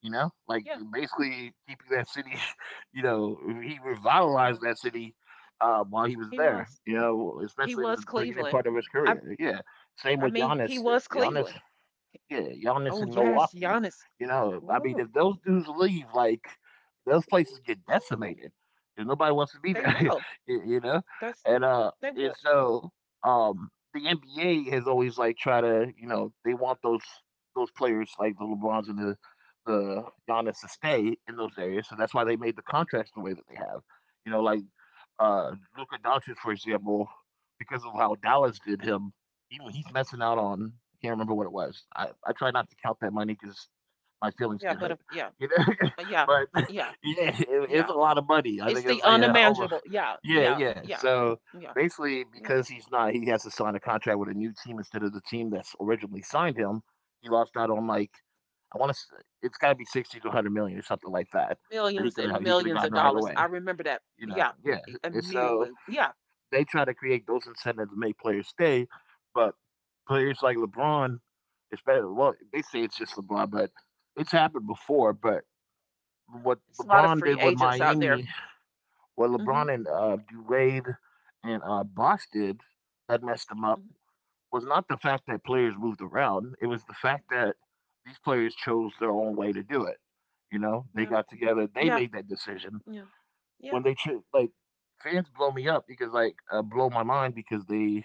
[SPEAKER 1] you know, like
[SPEAKER 2] yeah,
[SPEAKER 1] basically keeping that city, (laughs) you know, he revitalized
[SPEAKER 2] yeah.
[SPEAKER 1] that city while he was
[SPEAKER 2] He
[SPEAKER 1] there,
[SPEAKER 2] was.
[SPEAKER 1] you know,
[SPEAKER 2] He
[SPEAKER 1] especially in the
[SPEAKER 2] was
[SPEAKER 1] beginning
[SPEAKER 2] Cleveland.
[SPEAKER 1] part of his
[SPEAKER 2] I,
[SPEAKER 1] career. Yeah. Same
[SPEAKER 2] I
[SPEAKER 1] with
[SPEAKER 2] mean, he
[SPEAKER 1] Giannis.
[SPEAKER 2] was
[SPEAKER 1] Giannis
[SPEAKER 2] Cleveland.
[SPEAKER 1] yeah, Giannis
[SPEAKER 2] Oh
[SPEAKER 1] in
[SPEAKER 2] yes,
[SPEAKER 1] Milwaukee.
[SPEAKER 2] Giannis. Ooh,
[SPEAKER 1] If those dudes leave, like those places get
[SPEAKER 2] ooh, ooh.
[SPEAKER 1] decimated, and nobody wants to be
[SPEAKER 2] They
[SPEAKER 1] there.
[SPEAKER 2] will.
[SPEAKER 1] (laughs) y- you know,
[SPEAKER 2] That's
[SPEAKER 1] and uh,
[SPEAKER 2] they
[SPEAKER 1] and
[SPEAKER 2] will.
[SPEAKER 1] so um, the NBA has always like try to, they want those players like the LeBrons and the Giannis to stay in those areas. So that's why they made the contracts the way that they have. You know, like uh, Luka Doncic, for example, because of how Dallas did him, he's messing out on. Can't remember what it was. I try not to count that money because my feelings
[SPEAKER 2] Yeah,
[SPEAKER 1] get
[SPEAKER 2] but if,
[SPEAKER 1] hurt,
[SPEAKER 2] yeah,
[SPEAKER 1] you know.
[SPEAKER 2] but
[SPEAKER 1] (laughs)
[SPEAKER 2] yeah,
[SPEAKER 1] but
[SPEAKER 2] yeah,
[SPEAKER 1] (laughs) yeah, it's
[SPEAKER 2] yeah.
[SPEAKER 1] a lot of money. I
[SPEAKER 2] It's
[SPEAKER 1] think
[SPEAKER 2] the
[SPEAKER 1] it's like over.
[SPEAKER 2] unimaginable. Yeah,
[SPEAKER 1] Yeah,
[SPEAKER 2] yeah,
[SPEAKER 1] yeah.
[SPEAKER 2] yeah,
[SPEAKER 1] So
[SPEAKER 2] yeah,
[SPEAKER 1] basically,
[SPEAKER 2] yeah.
[SPEAKER 1] because he's not, he has to sign a contract with a new team instead of the team that's originally signed him. He lost out on like I want to. It's got to be 60 to 100 million or something like that that
[SPEAKER 2] Millions and
[SPEAKER 1] he could have
[SPEAKER 2] millions
[SPEAKER 1] gotten
[SPEAKER 2] of
[SPEAKER 1] right
[SPEAKER 2] dollars. I
[SPEAKER 1] away.
[SPEAKER 2] remember that.
[SPEAKER 1] You know,
[SPEAKER 2] Yeah,
[SPEAKER 1] yeah. And so
[SPEAKER 2] immediately. Yeah,
[SPEAKER 1] they try to create those incentives to make players stay, but players like LeBron, especially well, they say it's just LeBron, but it's happened before. But
[SPEAKER 2] yeah.
[SPEAKER 1] what
[SPEAKER 2] There's a lot of
[SPEAKER 1] LeBron
[SPEAKER 2] free
[SPEAKER 1] did with
[SPEAKER 2] agents out there.
[SPEAKER 1] Miami, what
[SPEAKER 2] Hmm.
[SPEAKER 1] LeBron and Durant and Bosh did that messed them up
[SPEAKER 2] Hmm.
[SPEAKER 1] was not the fact that players moved around. It was the fact that these players chose their own way to do it. You know, they
[SPEAKER 2] Yeah,
[SPEAKER 1] got together, they
[SPEAKER 2] yeah,
[SPEAKER 1] made that decision.
[SPEAKER 2] yeah, yeah.
[SPEAKER 1] When they cho- like Fans blow me up because like blow my mind because they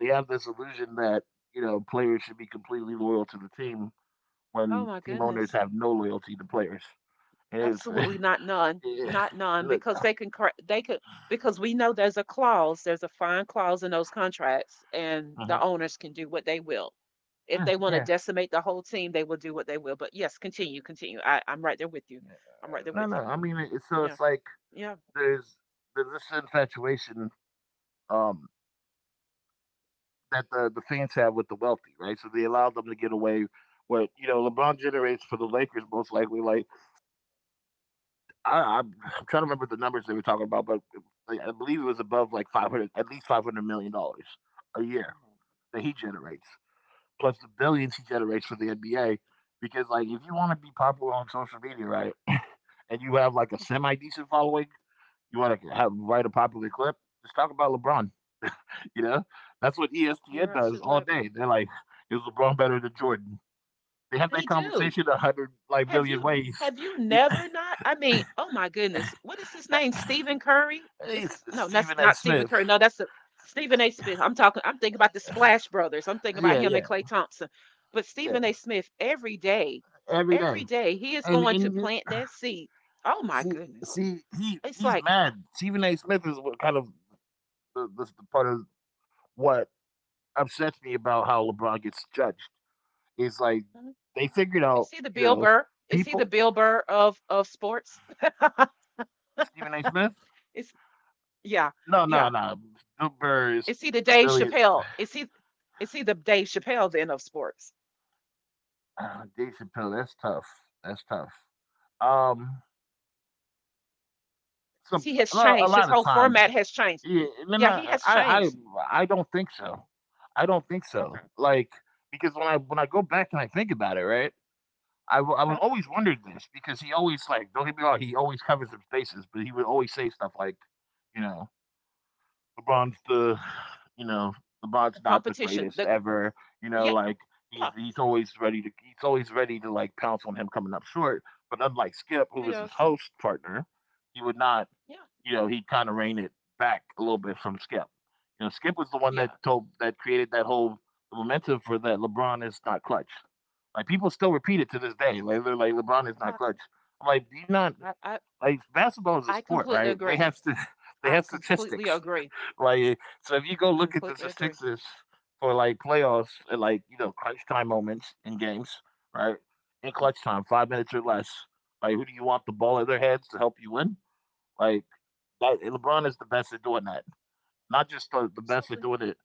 [SPEAKER 1] they have this illusion that, you know, players should be completely loyal to the team
[SPEAKER 2] Oh
[SPEAKER 1] when
[SPEAKER 2] my
[SPEAKER 1] team owners
[SPEAKER 2] goodness.
[SPEAKER 1] have no loyalty to players. And it's (laughs)
[SPEAKER 2] Absolutely not none,
[SPEAKER 1] yeah.
[SPEAKER 2] not none,
[SPEAKER 1] Look,
[SPEAKER 2] because they could, because we know there's a clause, there's a fine clause in those contracts, and the
[SPEAKER 1] mhm.
[SPEAKER 2] owners can do what they will. If
[SPEAKER 1] Yeah,
[SPEAKER 2] they want to
[SPEAKER 1] yeah,
[SPEAKER 2] decimate the whole team, they will do what they will. But yes, continue, continue. I'm right there with
[SPEAKER 1] yeah.
[SPEAKER 2] you. I'm
[SPEAKER 1] No,
[SPEAKER 2] right
[SPEAKER 1] no.
[SPEAKER 2] there
[SPEAKER 1] I
[SPEAKER 2] with you.
[SPEAKER 1] mean, it, so it's
[SPEAKER 2] Yeah,
[SPEAKER 1] like
[SPEAKER 2] yeah,
[SPEAKER 1] there's there's this infatuation um, that the fans have with the wealthy, right? So they allow them to get away. What you know, LeBron generates for the Lakers most likely. Like I'm trying to remember the numbers they were talking about, but like, I believe it was above like 500, at least 500 $ million a year that he generates, plus the billions he generates for the NBA. Because like, if you want to be popular on social media, right, and you have like a semi decent following, you want to have write a popular clip. Just talk about LeBron. You know, that's what ESPN
[SPEAKER 2] you're
[SPEAKER 1] does
[SPEAKER 2] absolutely
[SPEAKER 1] all
[SPEAKER 2] right.
[SPEAKER 1] day. They're like, is LeBron better than Jordan? They have
[SPEAKER 2] They
[SPEAKER 1] that
[SPEAKER 2] do.
[SPEAKER 1] conversation a hundred like
[SPEAKER 2] Have
[SPEAKER 1] million
[SPEAKER 2] you
[SPEAKER 1] ways.
[SPEAKER 2] have you
[SPEAKER 1] You know,
[SPEAKER 2] never not? I mean, oh my goodness, what is
[SPEAKER 1] (laughs)
[SPEAKER 2] his
[SPEAKER 1] that,
[SPEAKER 2] name? Stephen Curry? Is
[SPEAKER 1] it's
[SPEAKER 2] this no? That's
[SPEAKER 1] Stephen A.
[SPEAKER 2] not Stephen
[SPEAKER 1] Smith.
[SPEAKER 2] Curry. No, that's Stephen A. Smith. I'm talking. I'm thinking about the Splash Brothers. I'm thinking about
[SPEAKER 1] Yeah,
[SPEAKER 2] him and
[SPEAKER 1] yeah,
[SPEAKER 2] Clay Thompson. But Stephen A.
[SPEAKER 1] yeah.
[SPEAKER 2] Smith,
[SPEAKER 1] Every day,
[SPEAKER 2] every day, he is
[SPEAKER 1] and
[SPEAKER 2] going to
[SPEAKER 1] and
[SPEAKER 2] plant that seed. Oh my
[SPEAKER 1] see,
[SPEAKER 2] goodness,
[SPEAKER 1] he
[SPEAKER 2] it's
[SPEAKER 1] he's
[SPEAKER 2] like
[SPEAKER 1] mad. Stephen A. Smith is what kind of the part of what upsets me about how LeBron gets judged is like
[SPEAKER 2] hmm,
[SPEAKER 1] they figured
[SPEAKER 2] is
[SPEAKER 1] out,
[SPEAKER 2] he the
[SPEAKER 1] you
[SPEAKER 2] Bill
[SPEAKER 1] know,
[SPEAKER 2] Burr? Is he the
[SPEAKER 1] people
[SPEAKER 2] Bill Burr of sports? (laughs)
[SPEAKER 1] Stephen A. Smith.
[SPEAKER 2] it's yeah,
[SPEAKER 1] No, no,
[SPEAKER 2] yeah.
[SPEAKER 1] no. Bill Burr is
[SPEAKER 2] Is he the
[SPEAKER 1] a
[SPEAKER 2] Dave
[SPEAKER 1] million.
[SPEAKER 2] Chappelle? Is he the Dave Chappelle then of sports?
[SPEAKER 1] Dave Chappelle. That's tough. That's tough. Um, some
[SPEAKER 2] He has
[SPEAKER 1] a
[SPEAKER 2] changed. His
[SPEAKER 1] lot of
[SPEAKER 2] whole format
[SPEAKER 1] times.
[SPEAKER 2] has changed.
[SPEAKER 1] Yeah, they're
[SPEAKER 2] Yeah,
[SPEAKER 1] not,
[SPEAKER 2] he has changed.
[SPEAKER 1] I don't think so. I don't think so.
[SPEAKER 2] Okay.
[SPEAKER 1] Like because when I go back and I think about it, right? I w- I was
[SPEAKER 2] Okay.
[SPEAKER 1] always wondered this because he always like don't get me wrong he always covers his bases but he would always say stuff like you know LeBron's the you know
[SPEAKER 2] The
[SPEAKER 1] LeBron's not the
[SPEAKER 2] competition. The
[SPEAKER 1] greatest ever you
[SPEAKER 2] yeah,
[SPEAKER 1] know like
[SPEAKER 2] yeah,
[SPEAKER 1] he's always ready to he's always ready to like pounce on him coming up short but unlike Skip who
[SPEAKER 2] it
[SPEAKER 1] was his
[SPEAKER 2] does.
[SPEAKER 1] host partner he would not
[SPEAKER 2] Yeah,
[SPEAKER 1] you know he kind of rein it back a little bit from Skip you know Skip was the one that
[SPEAKER 2] yeah.
[SPEAKER 1] told that created that whole momentum for that LeBron is not clutch like people still repeat it to this day. Like they're like LeBron is not
[SPEAKER 2] I,
[SPEAKER 1] clutch. I'm like, do you not
[SPEAKER 2] I, I,
[SPEAKER 1] like basketball is a
[SPEAKER 2] I
[SPEAKER 1] sport,
[SPEAKER 2] completely
[SPEAKER 1] right? They
[SPEAKER 2] agree.
[SPEAKER 1] have to (laughs) they
[SPEAKER 2] I
[SPEAKER 1] have
[SPEAKER 2] completely
[SPEAKER 1] statistics.
[SPEAKER 2] agree.
[SPEAKER 1] Like so if you go
[SPEAKER 2] I
[SPEAKER 1] look at the
[SPEAKER 2] completely agree.
[SPEAKER 1] statistics for like playoffs and like, you know, crunch time moments in games, right? In
[SPEAKER 2] Yeah,
[SPEAKER 1] clutch time, 5 minutes or less. Like who do you want the ball in their heads to help you win? Like that, LeBron is the best at doing that. Not just the best at
[SPEAKER 2] absolutely.
[SPEAKER 1] doing it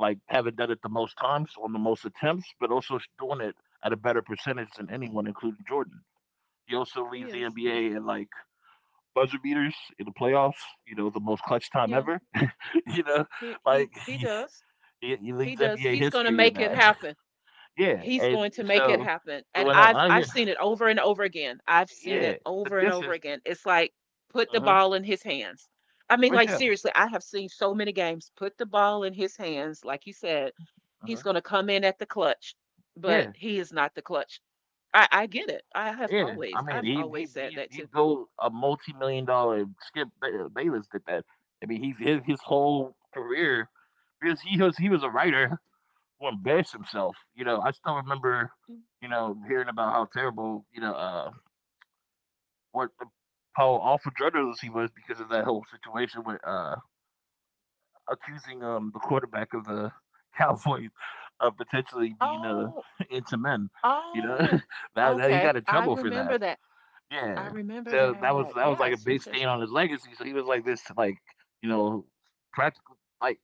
[SPEAKER 1] like having done it the most times on the most attempts, but also sh- doing it at a better percentage than anyone, including Jordan. He also
[SPEAKER 2] He
[SPEAKER 1] leads the
[SPEAKER 2] is.
[SPEAKER 1] NBA in like buzzer beaters in the playoffs. You know, the most clutch time
[SPEAKER 2] Yeah.
[SPEAKER 1] ever. (laughs) you know,
[SPEAKER 2] He
[SPEAKER 1] like
[SPEAKER 2] he he does.
[SPEAKER 1] he
[SPEAKER 2] He
[SPEAKER 1] leads
[SPEAKER 2] does.
[SPEAKER 1] NBA
[SPEAKER 2] He's gonna
[SPEAKER 1] history in
[SPEAKER 2] make it
[SPEAKER 1] that.
[SPEAKER 2] happen.
[SPEAKER 1] (laughs) yeah,
[SPEAKER 2] He's
[SPEAKER 1] and
[SPEAKER 2] going to make it
[SPEAKER 1] so
[SPEAKER 2] happen,
[SPEAKER 1] but
[SPEAKER 2] and
[SPEAKER 1] when I, when
[SPEAKER 2] i've
[SPEAKER 1] I
[SPEAKER 2] i've
[SPEAKER 1] hear
[SPEAKER 2] seen it over and over again. I've seen
[SPEAKER 1] yeah,
[SPEAKER 2] it
[SPEAKER 1] the
[SPEAKER 2] over and
[SPEAKER 1] this
[SPEAKER 2] over
[SPEAKER 1] is
[SPEAKER 2] again. It's like, put the
[SPEAKER 1] uh
[SPEAKER 2] ball in his hands. I mean,
[SPEAKER 1] for
[SPEAKER 2] like,
[SPEAKER 1] sure.
[SPEAKER 2] seriously, I have seen so many games. Put the ball in his hands, like you said.
[SPEAKER 1] Uh,
[SPEAKER 2] He's going to come in at the clutch, but
[SPEAKER 1] yeah.
[SPEAKER 2] he is not the clutch. I get it. i have
[SPEAKER 1] Yeah, I
[SPEAKER 2] always
[SPEAKER 1] mean,
[SPEAKER 2] i've
[SPEAKER 1] he he
[SPEAKER 2] always said
[SPEAKER 1] he
[SPEAKER 2] that
[SPEAKER 1] he
[SPEAKER 2] too.
[SPEAKER 1] built a multi-million-dollar. Skip Ba- Bayless did that. I mean, he's his whole career because he was a writer who embarrassed himself. You know, I still remember, you know, hearing about how terrible, you know, what how awful journalist he was because of that whole situation with accusing the quarterback of the (laughs) Cowboys of potentially being
[SPEAKER 2] Oh.
[SPEAKER 1] (laughs) into men. You know,
[SPEAKER 2] Oh,
[SPEAKER 1] (laughs) that he
[SPEAKER 2] okay,
[SPEAKER 1] got in
[SPEAKER 2] I
[SPEAKER 1] trouble for that.
[SPEAKER 2] remember that. I
[SPEAKER 1] Yeah.
[SPEAKER 2] remember
[SPEAKER 1] So
[SPEAKER 2] that.
[SPEAKER 1] that was like a
[SPEAKER 2] Yes,
[SPEAKER 1] big
[SPEAKER 2] yes, yes.
[SPEAKER 1] stain on his legacy. So he was like this, like you know, practically like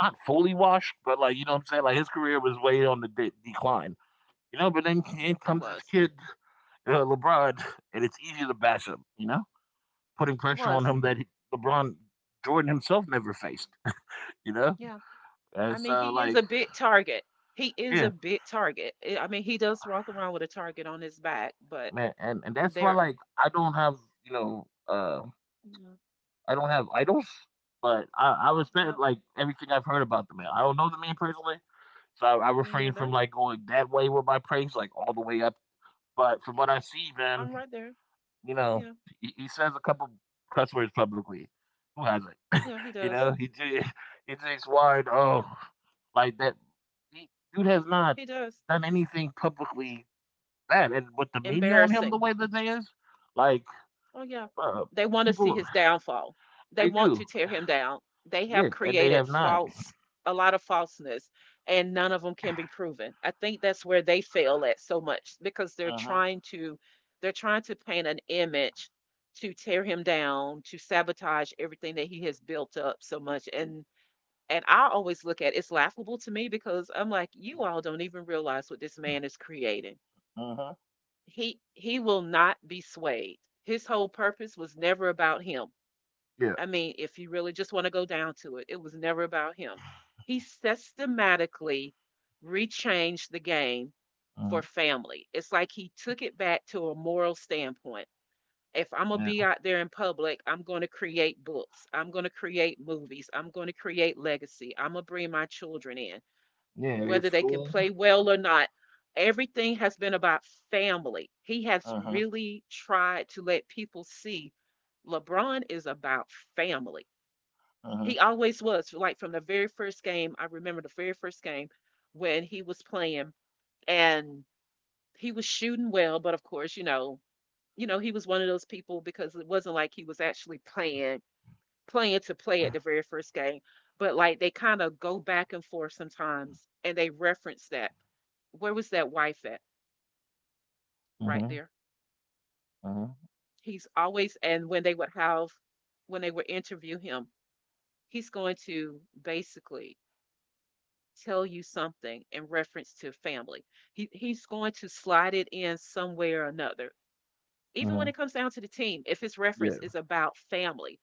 [SPEAKER 1] not fully washed, but like you know what I'm saying. Like his career was way on the de- decline, you know. But then
[SPEAKER 2] it
[SPEAKER 1] in
[SPEAKER 2] it
[SPEAKER 1] comes this
[SPEAKER 2] was.
[SPEAKER 1] kid, LeBron, and it's easy to bash him, you know, putting
[SPEAKER 2] it
[SPEAKER 1] pressure on
[SPEAKER 2] was
[SPEAKER 1] him that LeBron Jordan himself never faced, (laughs) you know.
[SPEAKER 2] yeah I
[SPEAKER 1] And
[SPEAKER 2] mean,
[SPEAKER 1] so
[SPEAKER 2] he is
[SPEAKER 1] like
[SPEAKER 2] a big target. He is
[SPEAKER 1] yeah,
[SPEAKER 2] a big target. I mean, he does walk around with a target on his back, but
[SPEAKER 1] man, and that's why
[SPEAKER 2] there,
[SPEAKER 1] like I don't have you know.
[SPEAKER 2] no,
[SPEAKER 1] I don't have idols, but I
[SPEAKER 2] no,
[SPEAKER 1] respect like everything I've heard about the man. I don't know the man personally, so I
[SPEAKER 2] me
[SPEAKER 1] refrain from
[SPEAKER 2] neither.
[SPEAKER 1] like going that way with my praise, like all the way up. But from what I see, man,
[SPEAKER 2] I'm right there.
[SPEAKER 1] you know,
[SPEAKER 2] Yeah,
[SPEAKER 1] he says a couple cuss words publicly. Who hasn't?
[SPEAKER 2] yeah, he
[SPEAKER 1] You
[SPEAKER 2] does.
[SPEAKER 1] know, he j- (laughs) he drinks wine. Oh,
[SPEAKER 2] Yeah,
[SPEAKER 1] like that. He, dude has not
[SPEAKER 2] he does.
[SPEAKER 1] done anything publicly bad, and with the media on him the
[SPEAKER 2] Embarrassing.
[SPEAKER 1] way that they is, like
[SPEAKER 2] Oh yeah.
[SPEAKER 1] uh,
[SPEAKER 2] They want to see
[SPEAKER 1] people
[SPEAKER 2] his downfall. They
[SPEAKER 1] they
[SPEAKER 2] want to
[SPEAKER 1] do,
[SPEAKER 2] tear him down. They
[SPEAKER 1] yeah,
[SPEAKER 2] have
[SPEAKER 1] and they
[SPEAKER 2] created
[SPEAKER 1] have not.
[SPEAKER 2] false a lot of falseness, and none of them can be proven. I think that's where they fail at so much because they're
[SPEAKER 1] Mhm.
[SPEAKER 2] trying to they're trying to paint an image to tear him down, to sabotage everything that he has built up so much, and I always look at it. It's laughable to me because I'm like, you all don't even realize what this man is creating.
[SPEAKER 1] Mhm.
[SPEAKER 2] He will not be swayed. His whole purpose was never about him.
[SPEAKER 1] Yeah.
[SPEAKER 2] I mean, if you really just want to go down to it, it was never about him. He systematically rechanged the game for
[SPEAKER 1] Mhm.
[SPEAKER 2] family. It's like he took it back to a moral standpoint. If I'm going to
[SPEAKER 1] Yeah.
[SPEAKER 2] be out there in public, I'm going to create books. I'm going to create movies. I'm going to create legacy. I'm going to bring my children in,
[SPEAKER 1] Yeah. It's
[SPEAKER 2] whether they can
[SPEAKER 1] school.
[SPEAKER 2] play
[SPEAKER 1] The,
[SPEAKER 2] well or not. Everything has been about family. He has
[SPEAKER 1] mhm.
[SPEAKER 2] really tried to let people see LeBron is about family.
[SPEAKER 1] Mhm.
[SPEAKER 2] He always was. Like, from the very first game, I remember the very first game, when he was playing and he was shooting well, but of course, he was one of those people because it wasn't like he was actually playing to play at the very first game, but like they kind of go back and forth sometimes and they reference that. Where was that wife at? Right
[SPEAKER 1] Mhm.
[SPEAKER 2] there.
[SPEAKER 1] Mhm.
[SPEAKER 2] He's always, and when they would have when they would interview him, he's going to basically tell you something in reference to family. He's going to slide it in somewhere or another. Even when
[SPEAKER 1] Mhm.
[SPEAKER 2] it comes down to the team, if his reference
[SPEAKER 1] Yeah.
[SPEAKER 2] is about family,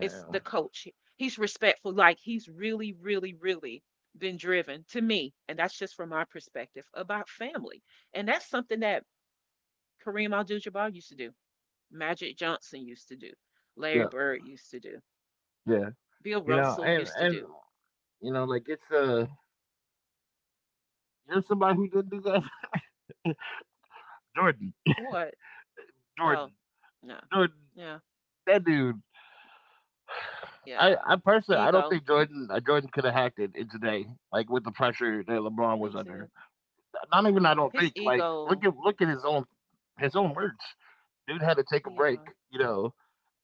[SPEAKER 2] it's the coach. He's respectful. Like, he's really, really, really been driven to me, and that's just from my perspective about family. And that's something that Kareem Abdul-Jabbar used to do, Magic Johnson used to do, Larry
[SPEAKER 1] Yeah.
[SPEAKER 2] Bird used to do,
[SPEAKER 1] Yeah.
[SPEAKER 2] Bill
[SPEAKER 1] You know,
[SPEAKER 2] Russell
[SPEAKER 1] and
[SPEAKER 2] used to
[SPEAKER 1] and
[SPEAKER 2] do.
[SPEAKER 1] you know, like it's you know, somebody who did do that. (laughs) Jordan.
[SPEAKER 2] What? Oh,
[SPEAKER 1] Jordan.
[SPEAKER 2] no.
[SPEAKER 1] Jordan.
[SPEAKER 2] Yeah,
[SPEAKER 1] That dude. I,
[SPEAKER 2] yeah.
[SPEAKER 1] I personally, I don't
[SPEAKER 2] Ego.
[SPEAKER 1] think Jordan Jordan could have hacked it in today, like with the pressure that
[SPEAKER 2] I
[SPEAKER 1] LeBron was
[SPEAKER 2] mean,
[SPEAKER 1] under.
[SPEAKER 2] to
[SPEAKER 1] Not even I don't
[SPEAKER 2] his
[SPEAKER 1] think. Like look
[SPEAKER 2] ego.
[SPEAKER 1] at look at his own words. Dude had to take a break,
[SPEAKER 2] Yeah,
[SPEAKER 1] you know,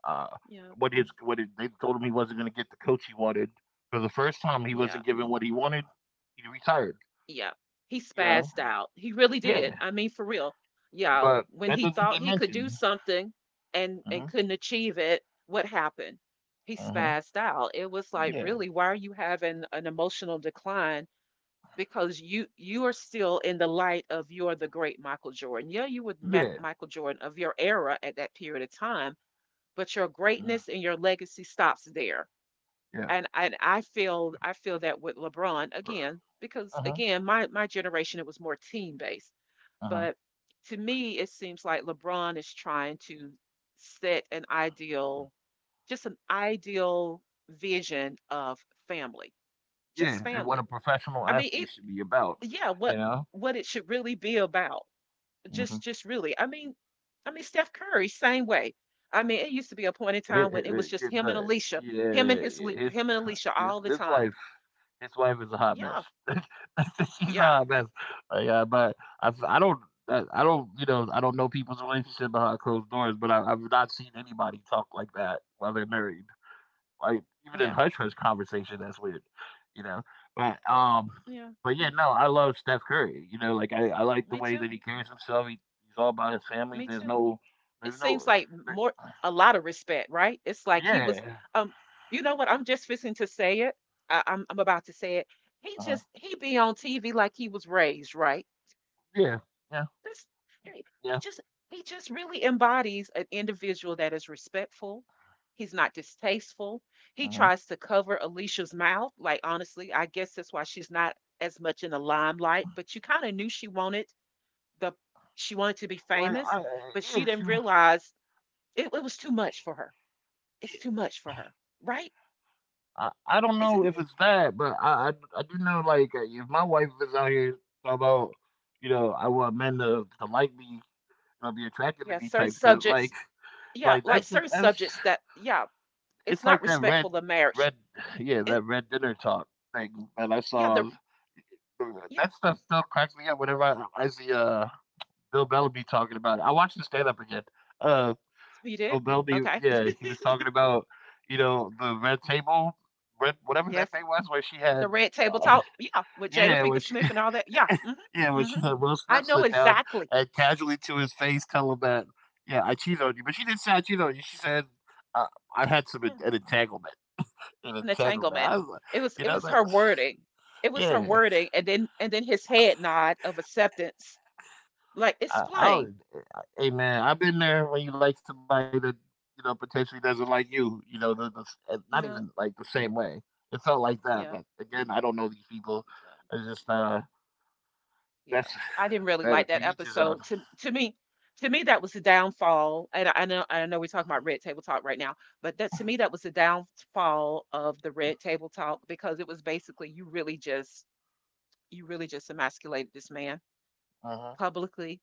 [SPEAKER 1] uh,
[SPEAKER 2] yeah,
[SPEAKER 1] they told him he wasn't going to get the coach he wanted for the first time. He
[SPEAKER 2] yeah,
[SPEAKER 1] wasn't given what he wanted. He retired.
[SPEAKER 2] yeah. He
[SPEAKER 1] You know,
[SPEAKER 2] spazzed out. He really
[SPEAKER 1] yeah,
[SPEAKER 2] did. I mean, for real. Yeah,
[SPEAKER 1] but
[SPEAKER 2] when
[SPEAKER 1] that
[SPEAKER 2] he
[SPEAKER 1] doesn't
[SPEAKER 2] thought
[SPEAKER 1] get
[SPEAKER 2] he could do
[SPEAKER 1] mentioned.
[SPEAKER 2] something, and
[SPEAKER 1] Uh
[SPEAKER 2] and
[SPEAKER 1] huh.
[SPEAKER 2] couldn't achieve it, what happened? He
[SPEAKER 1] Uh huh.
[SPEAKER 2] spazzed out. It was like,
[SPEAKER 1] Yeah.
[SPEAKER 2] really, why are you having an emotional decline because you are still in the light of, you're the great Michael Jordan. Yeah, you were
[SPEAKER 1] Yeah.
[SPEAKER 2] Michael Jordan of your era at that period of time, but your
[SPEAKER 1] Uh,
[SPEAKER 2] greatness and your legacy stops there.
[SPEAKER 1] yeah.
[SPEAKER 2] And I feel that with LeBron, again, because
[SPEAKER 1] Uh huh.
[SPEAKER 2] again, my generation, it was more team based,
[SPEAKER 1] Uh huh.
[SPEAKER 2] but to me, it seems like LeBron is trying to set an ideal, just an ideal vision of family,
[SPEAKER 1] Yeah,
[SPEAKER 2] just
[SPEAKER 1] and what a
[SPEAKER 2] family.
[SPEAKER 1] professional
[SPEAKER 2] I mean,
[SPEAKER 1] athlete
[SPEAKER 2] it.
[SPEAKER 1] should be about.
[SPEAKER 2] Yeah, what
[SPEAKER 1] You know.
[SPEAKER 2] what it should really be about.
[SPEAKER 1] Mm-hmm.
[SPEAKER 2] Just really. I mean, Steph Curry, same way. I mean, it used to be a point in time when it was just him and
[SPEAKER 1] But
[SPEAKER 2] Alicia,
[SPEAKER 1] yeah, his
[SPEAKER 2] him and Alicia
[SPEAKER 1] his
[SPEAKER 2] all the
[SPEAKER 1] his
[SPEAKER 2] time.
[SPEAKER 1] life his wife is a hot mess.
[SPEAKER 2] Yeah.
[SPEAKER 1] (laughs) She's
[SPEAKER 2] Yeah.
[SPEAKER 1] a hot mess. Like, but I, I don't, I don't, you know, I don't know people's relationship behind closed doors, but I've not seen anybody talk like that while they're married. Like even in
[SPEAKER 2] Yeah.
[SPEAKER 1] hush hush conversation, that's weird, you know. But
[SPEAKER 2] Yeah.
[SPEAKER 1] um,
[SPEAKER 2] Yeah.
[SPEAKER 1] but yeah, no, I love Steph Curry. You know, like I like the
[SPEAKER 2] Me
[SPEAKER 1] way
[SPEAKER 2] too.
[SPEAKER 1] that he carries himself. He's all about his family.
[SPEAKER 2] Me
[SPEAKER 1] There's
[SPEAKER 2] too.
[SPEAKER 1] no,
[SPEAKER 2] It
[SPEAKER 1] there's
[SPEAKER 2] seems
[SPEAKER 1] no,
[SPEAKER 2] like
[SPEAKER 1] there,
[SPEAKER 2] more a lot of respect, right? It's like he was,
[SPEAKER 1] yeah,
[SPEAKER 2] um you know what? I'm just fixing to say it. I'm about to say it. He
[SPEAKER 1] uh,
[SPEAKER 2] just he be on TV like he was raised, right?
[SPEAKER 1] yeah, yeah,
[SPEAKER 2] That's It
[SPEAKER 1] yeah.
[SPEAKER 2] just he just really embodies an individual that is respectful. He's not distasteful. He
[SPEAKER 1] Uh
[SPEAKER 2] tries to cover Alicia's mouth. Like, honestly, I guess that's why she's not as much in the limelight. But you kind of knew she wanted the she wanted to be
[SPEAKER 1] well,
[SPEAKER 2] famous, but she
[SPEAKER 1] yeah,
[SPEAKER 2] didn't realize it was too much for her. It's too much for her, right?
[SPEAKER 1] I don't
[SPEAKER 2] Is it
[SPEAKER 1] know
[SPEAKER 2] me?
[SPEAKER 1] if it's that, but I I do know like if my wife is out here talking about, you know, I want men to like me, you know, be attracted to
[SPEAKER 2] Yeah,
[SPEAKER 1] me
[SPEAKER 2] certain
[SPEAKER 1] type stuff.
[SPEAKER 2] subjects. Yeah,
[SPEAKER 1] Like
[SPEAKER 2] like,
[SPEAKER 1] that's
[SPEAKER 2] certain
[SPEAKER 1] that's
[SPEAKER 2] subjects that, yeah, it's
[SPEAKER 1] it's
[SPEAKER 2] not
[SPEAKER 1] like that red
[SPEAKER 2] respectful of marriage.
[SPEAKER 1] red yeah
[SPEAKER 2] It,
[SPEAKER 1] that red dinner talk thing that I
[SPEAKER 2] yeah, the
[SPEAKER 1] saw.
[SPEAKER 2] yeah.
[SPEAKER 1] That stuff still cracks me up whenever I see Bill Bellamy talking about it. I watched the stand up again. Uh,
[SPEAKER 2] You
[SPEAKER 1] Bill
[SPEAKER 2] did?
[SPEAKER 1] Bellamy,
[SPEAKER 2] Okay.
[SPEAKER 1] yeah, he was
[SPEAKER 2] (laughs)
[SPEAKER 1] talking about you know the red table, red whatever that
[SPEAKER 2] Yes,
[SPEAKER 1] thing was where she had.
[SPEAKER 2] the Red Table
[SPEAKER 1] uh,
[SPEAKER 2] Talk. Yeah, with Jada
[SPEAKER 1] Yeah, when
[SPEAKER 2] Pinkett
[SPEAKER 1] she
[SPEAKER 2] Smith and all that. Yeah.
[SPEAKER 1] (laughs) yeah,
[SPEAKER 2] Mm-hmm.
[SPEAKER 1] when
[SPEAKER 2] Mm-hmm.
[SPEAKER 1] she had Will
[SPEAKER 2] I
[SPEAKER 1] Smith
[SPEAKER 2] know
[SPEAKER 1] sit down
[SPEAKER 2] exactly.
[SPEAKER 1] and casually to his face tell him that, "Yeah, I cheated on you," but she didn't say, "I cheated on you," she said, "Uh, I had some en
[SPEAKER 2] Mm,
[SPEAKER 1] an entanglement an
[SPEAKER 2] an
[SPEAKER 1] entanglement."
[SPEAKER 2] entanglement.
[SPEAKER 1] I was like,
[SPEAKER 2] It was
[SPEAKER 1] you
[SPEAKER 2] it
[SPEAKER 1] know,
[SPEAKER 2] was
[SPEAKER 1] that
[SPEAKER 2] her wording. It
[SPEAKER 1] (sighs)
[SPEAKER 2] was her
[SPEAKER 1] yeah,
[SPEAKER 2] wording and then his head nod of acceptance. Like it's
[SPEAKER 1] I
[SPEAKER 2] plain.
[SPEAKER 1] would hey, man, I've been there when you like somebody that, you know, potentially doesn't like you know, the s not even,
[SPEAKER 2] Yeah,
[SPEAKER 1] like, the same way. It felt like that,
[SPEAKER 2] yeah,
[SPEAKER 1] but again, I don't know these people.
[SPEAKER 2] yeah.
[SPEAKER 1] It's just,
[SPEAKER 2] Yeah,
[SPEAKER 1] that's
[SPEAKER 2] I didn't
[SPEAKER 1] (sighs) (laughs)
[SPEAKER 2] really
[SPEAKER 1] that
[SPEAKER 2] like
[SPEAKER 1] to
[SPEAKER 2] that
[SPEAKER 1] each his own.
[SPEAKER 2] episode. To me, to me that was the downfall. And I know I know we're talking about Red Table Talk right now, but that to me that was the downfall of the Red Table Talk because it was basically you really just emasculated this man
[SPEAKER 1] Uh huh.
[SPEAKER 2] publicly,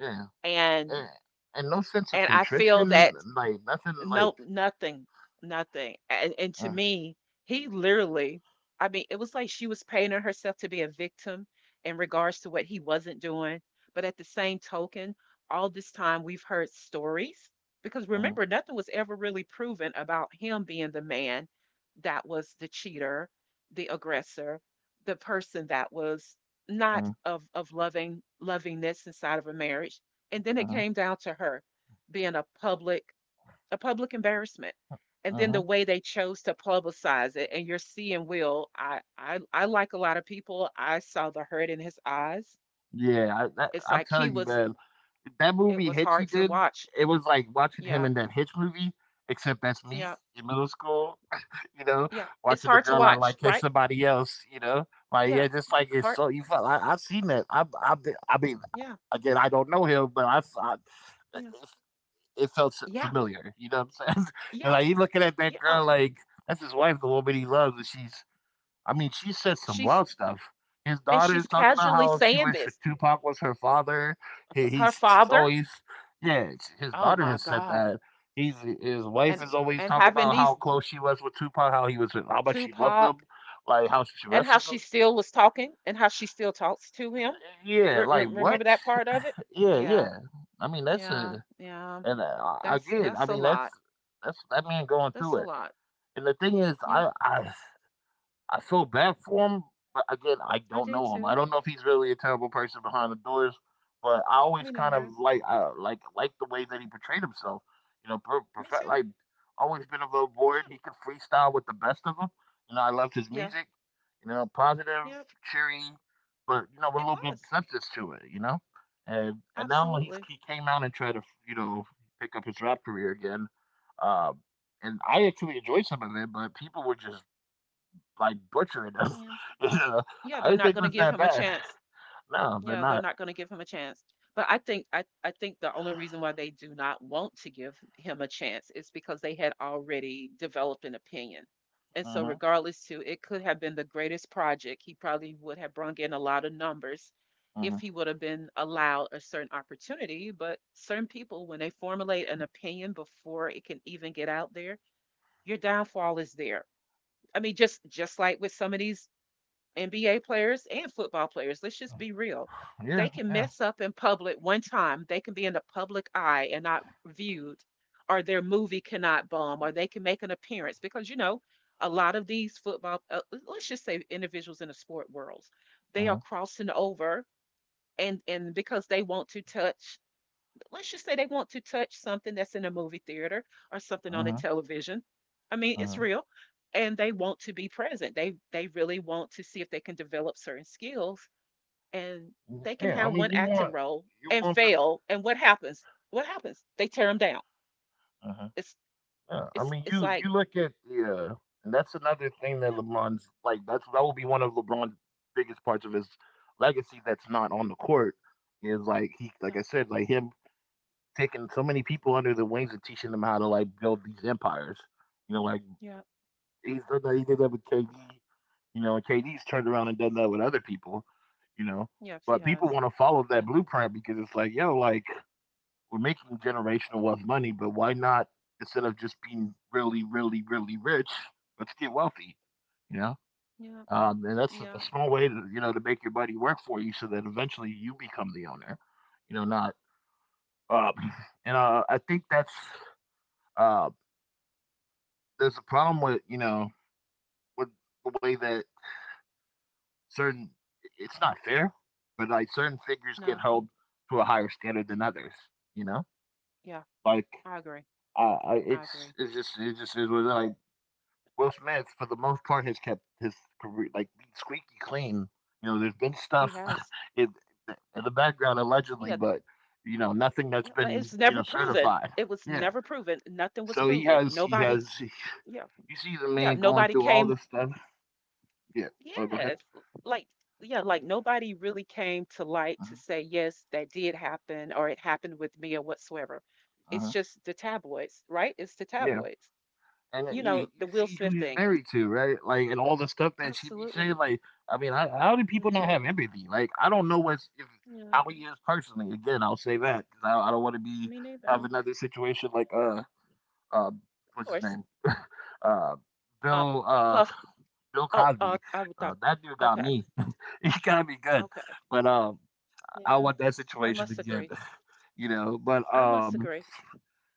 [SPEAKER 1] Yeah.
[SPEAKER 2] and
[SPEAKER 1] uh, and no sense of
[SPEAKER 2] and I feel
[SPEAKER 1] contrition,
[SPEAKER 2] that.
[SPEAKER 1] like nothing like.
[SPEAKER 2] No, nothing, nothing. And to
[SPEAKER 1] Uh,
[SPEAKER 2] me, he literally, I mean, it was like she was painting herself to be a victim in regards to what he wasn't doing. But at the same token, all this time we've heard stories because
[SPEAKER 1] uh,
[SPEAKER 2] remember, nothing was ever really proven about him being the man that was the cheater, the aggressor, the person that was not
[SPEAKER 1] uh,
[SPEAKER 2] of loving lovingness inside of a marriage. And then it
[SPEAKER 1] uh,
[SPEAKER 2] came down to her being a public embarrassment. And then the
[SPEAKER 1] uh,
[SPEAKER 2] way they chose to publicize it, and you're seeing Will. I like a lot of people. I saw the hurt in his eyes.
[SPEAKER 1] yeah,
[SPEAKER 2] It's
[SPEAKER 1] I'm
[SPEAKER 2] like he
[SPEAKER 1] telling you,
[SPEAKER 2] was.
[SPEAKER 1] man, that
[SPEAKER 2] It
[SPEAKER 1] movie
[SPEAKER 2] was
[SPEAKER 1] Hitch he
[SPEAKER 2] hard to
[SPEAKER 1] did,
[SPEAKER 2] watch.
[SPEAKER 1] it was like watching him
[SPEAKER 2] Yeah,
[SPEAKER 1] in that Hitch movie, except that's me
[SPEAKER 2] yeah,
[SPEAKER 1] in middle school, (laughs) you know,
[SPEAKER 2] yeah. It's
[SPEAKER 1] watching the
[SPEAKER 2] hard to
[SPEAKER 1] girl I
[SPEAKER 2] watch,
[SPEAKER 1] like hit
[SPEAKER 2] right?
[SPEAKER 1] somebody else, you know, like
[SPEAKER 2] Yeah,
[SPEAKER 1] yeah, just like it's
[SPEAKER 2] hard.
[SPEAKER 1] so you felt I seen that. I mean,
[SPEAKER 2] Yeah,
[SPEAKER 1] again, I don't know him, but I,
[SPEAKER 2] yeah,
[SPEAKER 1] it felt s
[SPEAKER 2] yeah,
[SPEAKER 1] familiar, you know what I'm saying? (laughs) And,
[SPEAKER 2] yeah,
[SPEAKER 1] like, he looking at that
[SPEAKER 2] yeah.
[SPEAKER 1] girl like, that's his wife, the woman he loves, and she's… I mean, she said some
[SPEAKER 2] She's
[SPEAKER 1] wild stuff. His
[SPEAKER 2] and
[SPEAKER 1] daughter's
[SPEAKER 2] she's
[SPEAKER 1] talking about
[SPEAKER 2] casually
[SPEAKER 1] how she
[SPEAKER 2] saying
[SPEAKER 1] wished her
[SPEAKER 2] this.
[SPEAKER 1] Tupac was her father. He
[SPEAKER 2] Her
[SPEAKER 1] he's she's
[SPEAKER 2] father.
[SPEAKER 1] always Yeah, it's his
[SPEAKER 2] Oh
[SPEAKER 1] daughter
[SPEAKER 2] my
[SPEAKER 1] has said
[SPEAKER 2] God.
[SPEAKER 1] that. He's His wife
[SPEAKER 2] And
[SPEAKER 1] is always
[SPEAKER 2] and
[SPEAKER 1] talking
[SPEAKER 2] having
[SPEAKER 1] about how
[SPEAKER 2] these
[SPEAKER 1] close she was with Tupac, how he was with how much she loved
[SPEAKER 2] Tupac
[SPEAKER 1] him, like, how she
[SPEAKER 2] and how
[SPEAKER 1] messes him.
[SPEAKER 2] she still was talking and how she still talks to him.
[SPEAKER 1] Yeah,
[SPEAKER 2] Re-
[SPEAKER 1] like,
[SPEAKER 2] re-
[SPEAKER 1] what?
[SPEAKER 2] remember that part of it?
[SPEAKER 1] Yeah,
[SPEAKER 2] Yeah,
[SPEAKER 1] yeah. I mean, that's
[SPEAKER 2] yeah,
[SPEAKER 1] a—
[SPEAKER 2] yeah.
[SPEAKER 1] and,
[SPEAKER 2] That's
[SPEAKER 1] again, I
[SPEAKER 2] that's a
[SPEAKER 1] mean,
[SPEAKER 2] lot.
[SPEAKER 1] that's that man going
[SPEAKER 2] That's
[SPEAKER 1] through
[SPEAKER 2] a
[SPEAKER 1] it.
[SPEAKER 2] lot.
[SPEAKER 1] And the thing is,
[SPEAKER 2] Yeah,
[SPEAKER 1] I feel bad for him, but again, I
[SPEAKER 2] I
[SPEAKER 1] don't
[SPEAKER 2] did
[SPEAKER 1] know him.
[SPEAKER 2] too.
[SPEAKER 1] I don't know if he's really a terrible person behind the doors, but I always
[SPEAKER 2] Me
[SPEAKER 1] kind of
[SPEAKER 2] neither.
[SPEAKER 1] like like the way that he portrayed himself. You know,
[SPEAKER 2] Me
[SPEAKER 1] perfect,
[SPEAKER 2] too.
[SPEAKER 1] like always been a little bored.
[SPEAKER 2] Yeah,
[SPEAKER 1] He could freestyle with the best of them. You know, I loved his
[SPEAKER 2] yeah,
[SPEAKER 1] music. You know, positive,
[SPEAKER 2] yeah.
[SPEAKER 1] cheery, but you know, with a
[SPEAKER 2] It
[SPEAKER 1] little bit of
[SPEAKER 2] was
[SPEAKER 1] substance to it. You know, and now
[SPEAKER 2] absolutely.
[SPEAKER 1] he came out and tried to, you know, pick up his rap career again. Um, and I actually enjoyed some of it, but people were just like butchering us.
[SPEAKER 2] Yeah,
[SPEAKER 1] (laughs) Yeah,
[SPEAKER 2] yeah.
[SPEAKER 1] I
[SPEAKER 2] They're
[SPEAKER 1] didn't
[SPEAKER 2] not
[SPEAKER 1] think it
[SPEAKER 2] going to
[SPEAKER 1] was
[SPEAKER 2] give
[SPEAKER 1] that
[SPEAKER 2] him a
[SPEAKER 1] bad.
[SPEAKER 2] chance.
[SPEAKER 1] No, they're
[SPEAKER 2] Yeah, they're
[SPEAKER 1] not.
[SPEAKER 2] not gonna give him a chance. But I think the only reason why they do not want to give him a chance is because they had already developed an opinion. And so
[SPEAKER 1] Hmm.
[SPEAKER 2] regardless to it could have been the greatest project. He probably would have brung in a lot of numbers if
[SPEAKER 1] Hmm.
[SPEAKER 2] he would have been allowed a certain opportunity. But certain people, when they formulate an opinion before it can even get out there, your downfall is there. I mean, just like with some of these NBA players and football players, let's just be real.
[SPEAKER 1] Yeah,
[SPEAKER 2] They can
[SPEAKER 1] yeah.
[SPEAKER 2] mess up in public one time. They can be in the public eye and not viewed, or their movie cannot bomb, or they can make an appearance because, you know, a lot of these football, let's just say individuals in the sport worlds, they are
[SPEAKER 1] Hmm.
[SPEAKER 2] crossing over and because they want to touch let's just say they want to touch something that's in a movie theater or something
[SPEAKER 1] Hmm.
[SPEAKER 2] on the television. I mean,
[SPEAKER 1] Hmm.
[SPEAKER 2] it's real. And they want to be present. They really want to see if they can develop certain skills and they can
[SPEAKER 1] Yeah, I
[SPEAKER 2] have one
[SPEAKER 1] mean,
[SPEAKER 2] acting role
[SPEAKER 1] you
[SPEAKER 2] and
[SPEAKER 1] want the.
[SPEAKER 2] fail. And what happens? What happens? They tear them down.
[SPEAKER 1] Hmm.
[SPEAKER 2] It's
[SPEAKER 1] Yeah, I
[SPEAKER 2] it's
[SPEAKER 1] mean,
[SPEAKER 2] it's
[SPEAKER 1] you
[SPEAKER 2] like,
[SPEAKER 1] you look at, yeah, and that's another thing that LeBron's like. That's— that will be one of LeBron's biggest parts of his legacy that's not on the court, is like, he— like
[SPEAKER 2] yeah,
[SPEAKER 1] I said, like him taking so many people under the wings and teaching them how to like build these empires. You know, like
[SPEAKER 2] yeah, yeah,
[SPEAKER 1] he's done that. He did that with KD. You know, KD's turned around and done that with other people, you know.
[SPEAKER 2] yeah, she
[SPEAKER 1] But
[SPEAKER 2] has.
[SPEAKER 1] people want to follow that
[SPEAKER 2] Yeah,
[SPEAKER 1] blueprint because it's like, yo, like we're making generational wealth money, but why not, instead of just being really, really, really rich, let's get wealthy, you know?
[SPEAKER 2] yeah,
[SPEAKER 1] And that's a
[SPEAKER 2] yeah,
[SPEAKER 1] small way to, you know, to make your buddy work for you, so that eventually you become the owner, you know, not. Um, (clears throat) and I think that's uh, there's a problem with, you know, with the way that certain— it's not fair, but like certain figures get
[SPEAKER 2] no,
[SPEAKER 1] held to a higher standard than others. You know,
[SPEAKER 2] yeah,
[SPEAKER 1] like
[SPEAKER 2] I agree. I
[SPEAKER 1] it's—
[SPEAKER 2] agree.
[SPEAKER 1] it's just it just is what it is. Like Will Smith for the most part has kept his career like squeaky clean. You know, there's been
[SPEAKER 2] He
[SPEAKER 1] stuff (laughs)
[SPEAKER 2] has.
[SPEAKER 1] in, in the background allegedly,
[SPEAKER 2] Yeah,
[SPEAKER 1] but you know, nothing that's
[SPEAKER 2] no, but
[SPEAKER 1] been,
[SPEAKER 2] it's
[SPEAKER 1] you
[SPEAKER 2] never
[SPEAKER 1] know,
[SPEAKER 2] proven.
[SPEAKER 1] certified.
[SPEAKER 2] It was
[SPEAKER 1] Yeah,
[SPEAKER 2] never proven. Nothing was
[SPEAKER 1] so he
[SPEAKER 2] proven.
[SPEAKER 1] has he
[SPEAKER 2] Nobody,
[SPEAKER 1] has (laughs)
[SPEAKER 2] yeah,
[SPEAKER 1] you see the
[SPEAKER 2] yeah,
[SPEAKER 1] man going
[SPEAKER 2] nobody
[SPEAKER 1] through all
[SPEAKER 2] came.
[SPEAKER 1] this stuff. Yeah. Oh, go ahead.
[SPEAKER 2] Yes, like yeah, like nobody really came to light
[SPEAKER 1] Uh-huh.
[SPEAKER 2] to say yes, that did happen, or it happened with me, or whatsoever. It's
[SPEAKER 1] Uh-huh.
[SPEAKER 2] just the tabloids, right? It's the
[SPEAKER 1] Yeah.
[SPEAKER 2] tabloids.
[SPEAKER 1] And then
[SPEAKER 2] You
[SPEAKER 1] you
[SPEAKER 2] know, the
[SPEAKER 1] you
[SPEAKER 2] Will
[SPEAKER 1] see who
[SPEAKER 2] Smith
[SPEAKER 1] he's
[SPEAKER 2] thing.
[SPEAKER 1] married to, right? Like, and all the stuff that she be
[SPEAKER 2] Absolutely.
[SPEAKER 1] saying. Like, I mean, how do people not
[SPEAKER 2] Yeah,
[SPEAKER 1] have empathy? Like, I don't know what's— if
[SPEAKER 2] yeah.
[SPEAKER 1] how he is personally. Again, I'll say that because I don't want to be—
[SPEAKER 2] Me neither.
[SPEAKER 1] have
[SPEAKER 2] Of
[SPEAKER 1] another situation like uh what's his
[SPEAKER 2] course.
[SPEAKER 1] name, uh
[SPEAKER 2] Um,
[SPEAKER 1] Bill,
[SPEAKER 2] Puff.
[SPEAKER 1] Bill
[SPEAKER 2] Oh,
[SPEAKER 1] Cosby.
[SPEAKER 2] I would thought.
[SPEAKER 1] That dude got
[SPEAKER 2] Okay,
[SPEAKER 1] me. (laughs) He got me good,
[SPEAKER 2] okay.
[SPEAKER 1] but I
[SPEAKER 2] Yeah,
[SPEAKER 1] want that
[SPEAKER 2] I
[SPEAKER 1] situation
[SPEAKER 2] must
[SPEAKER 1] again.
[SPEAKER 2] agree.
[SPEAKER 1] (laughs) You know, but
[SPEAKER 2] I must
[SPEAKER 1] um.
[SPEAKER 2] agree.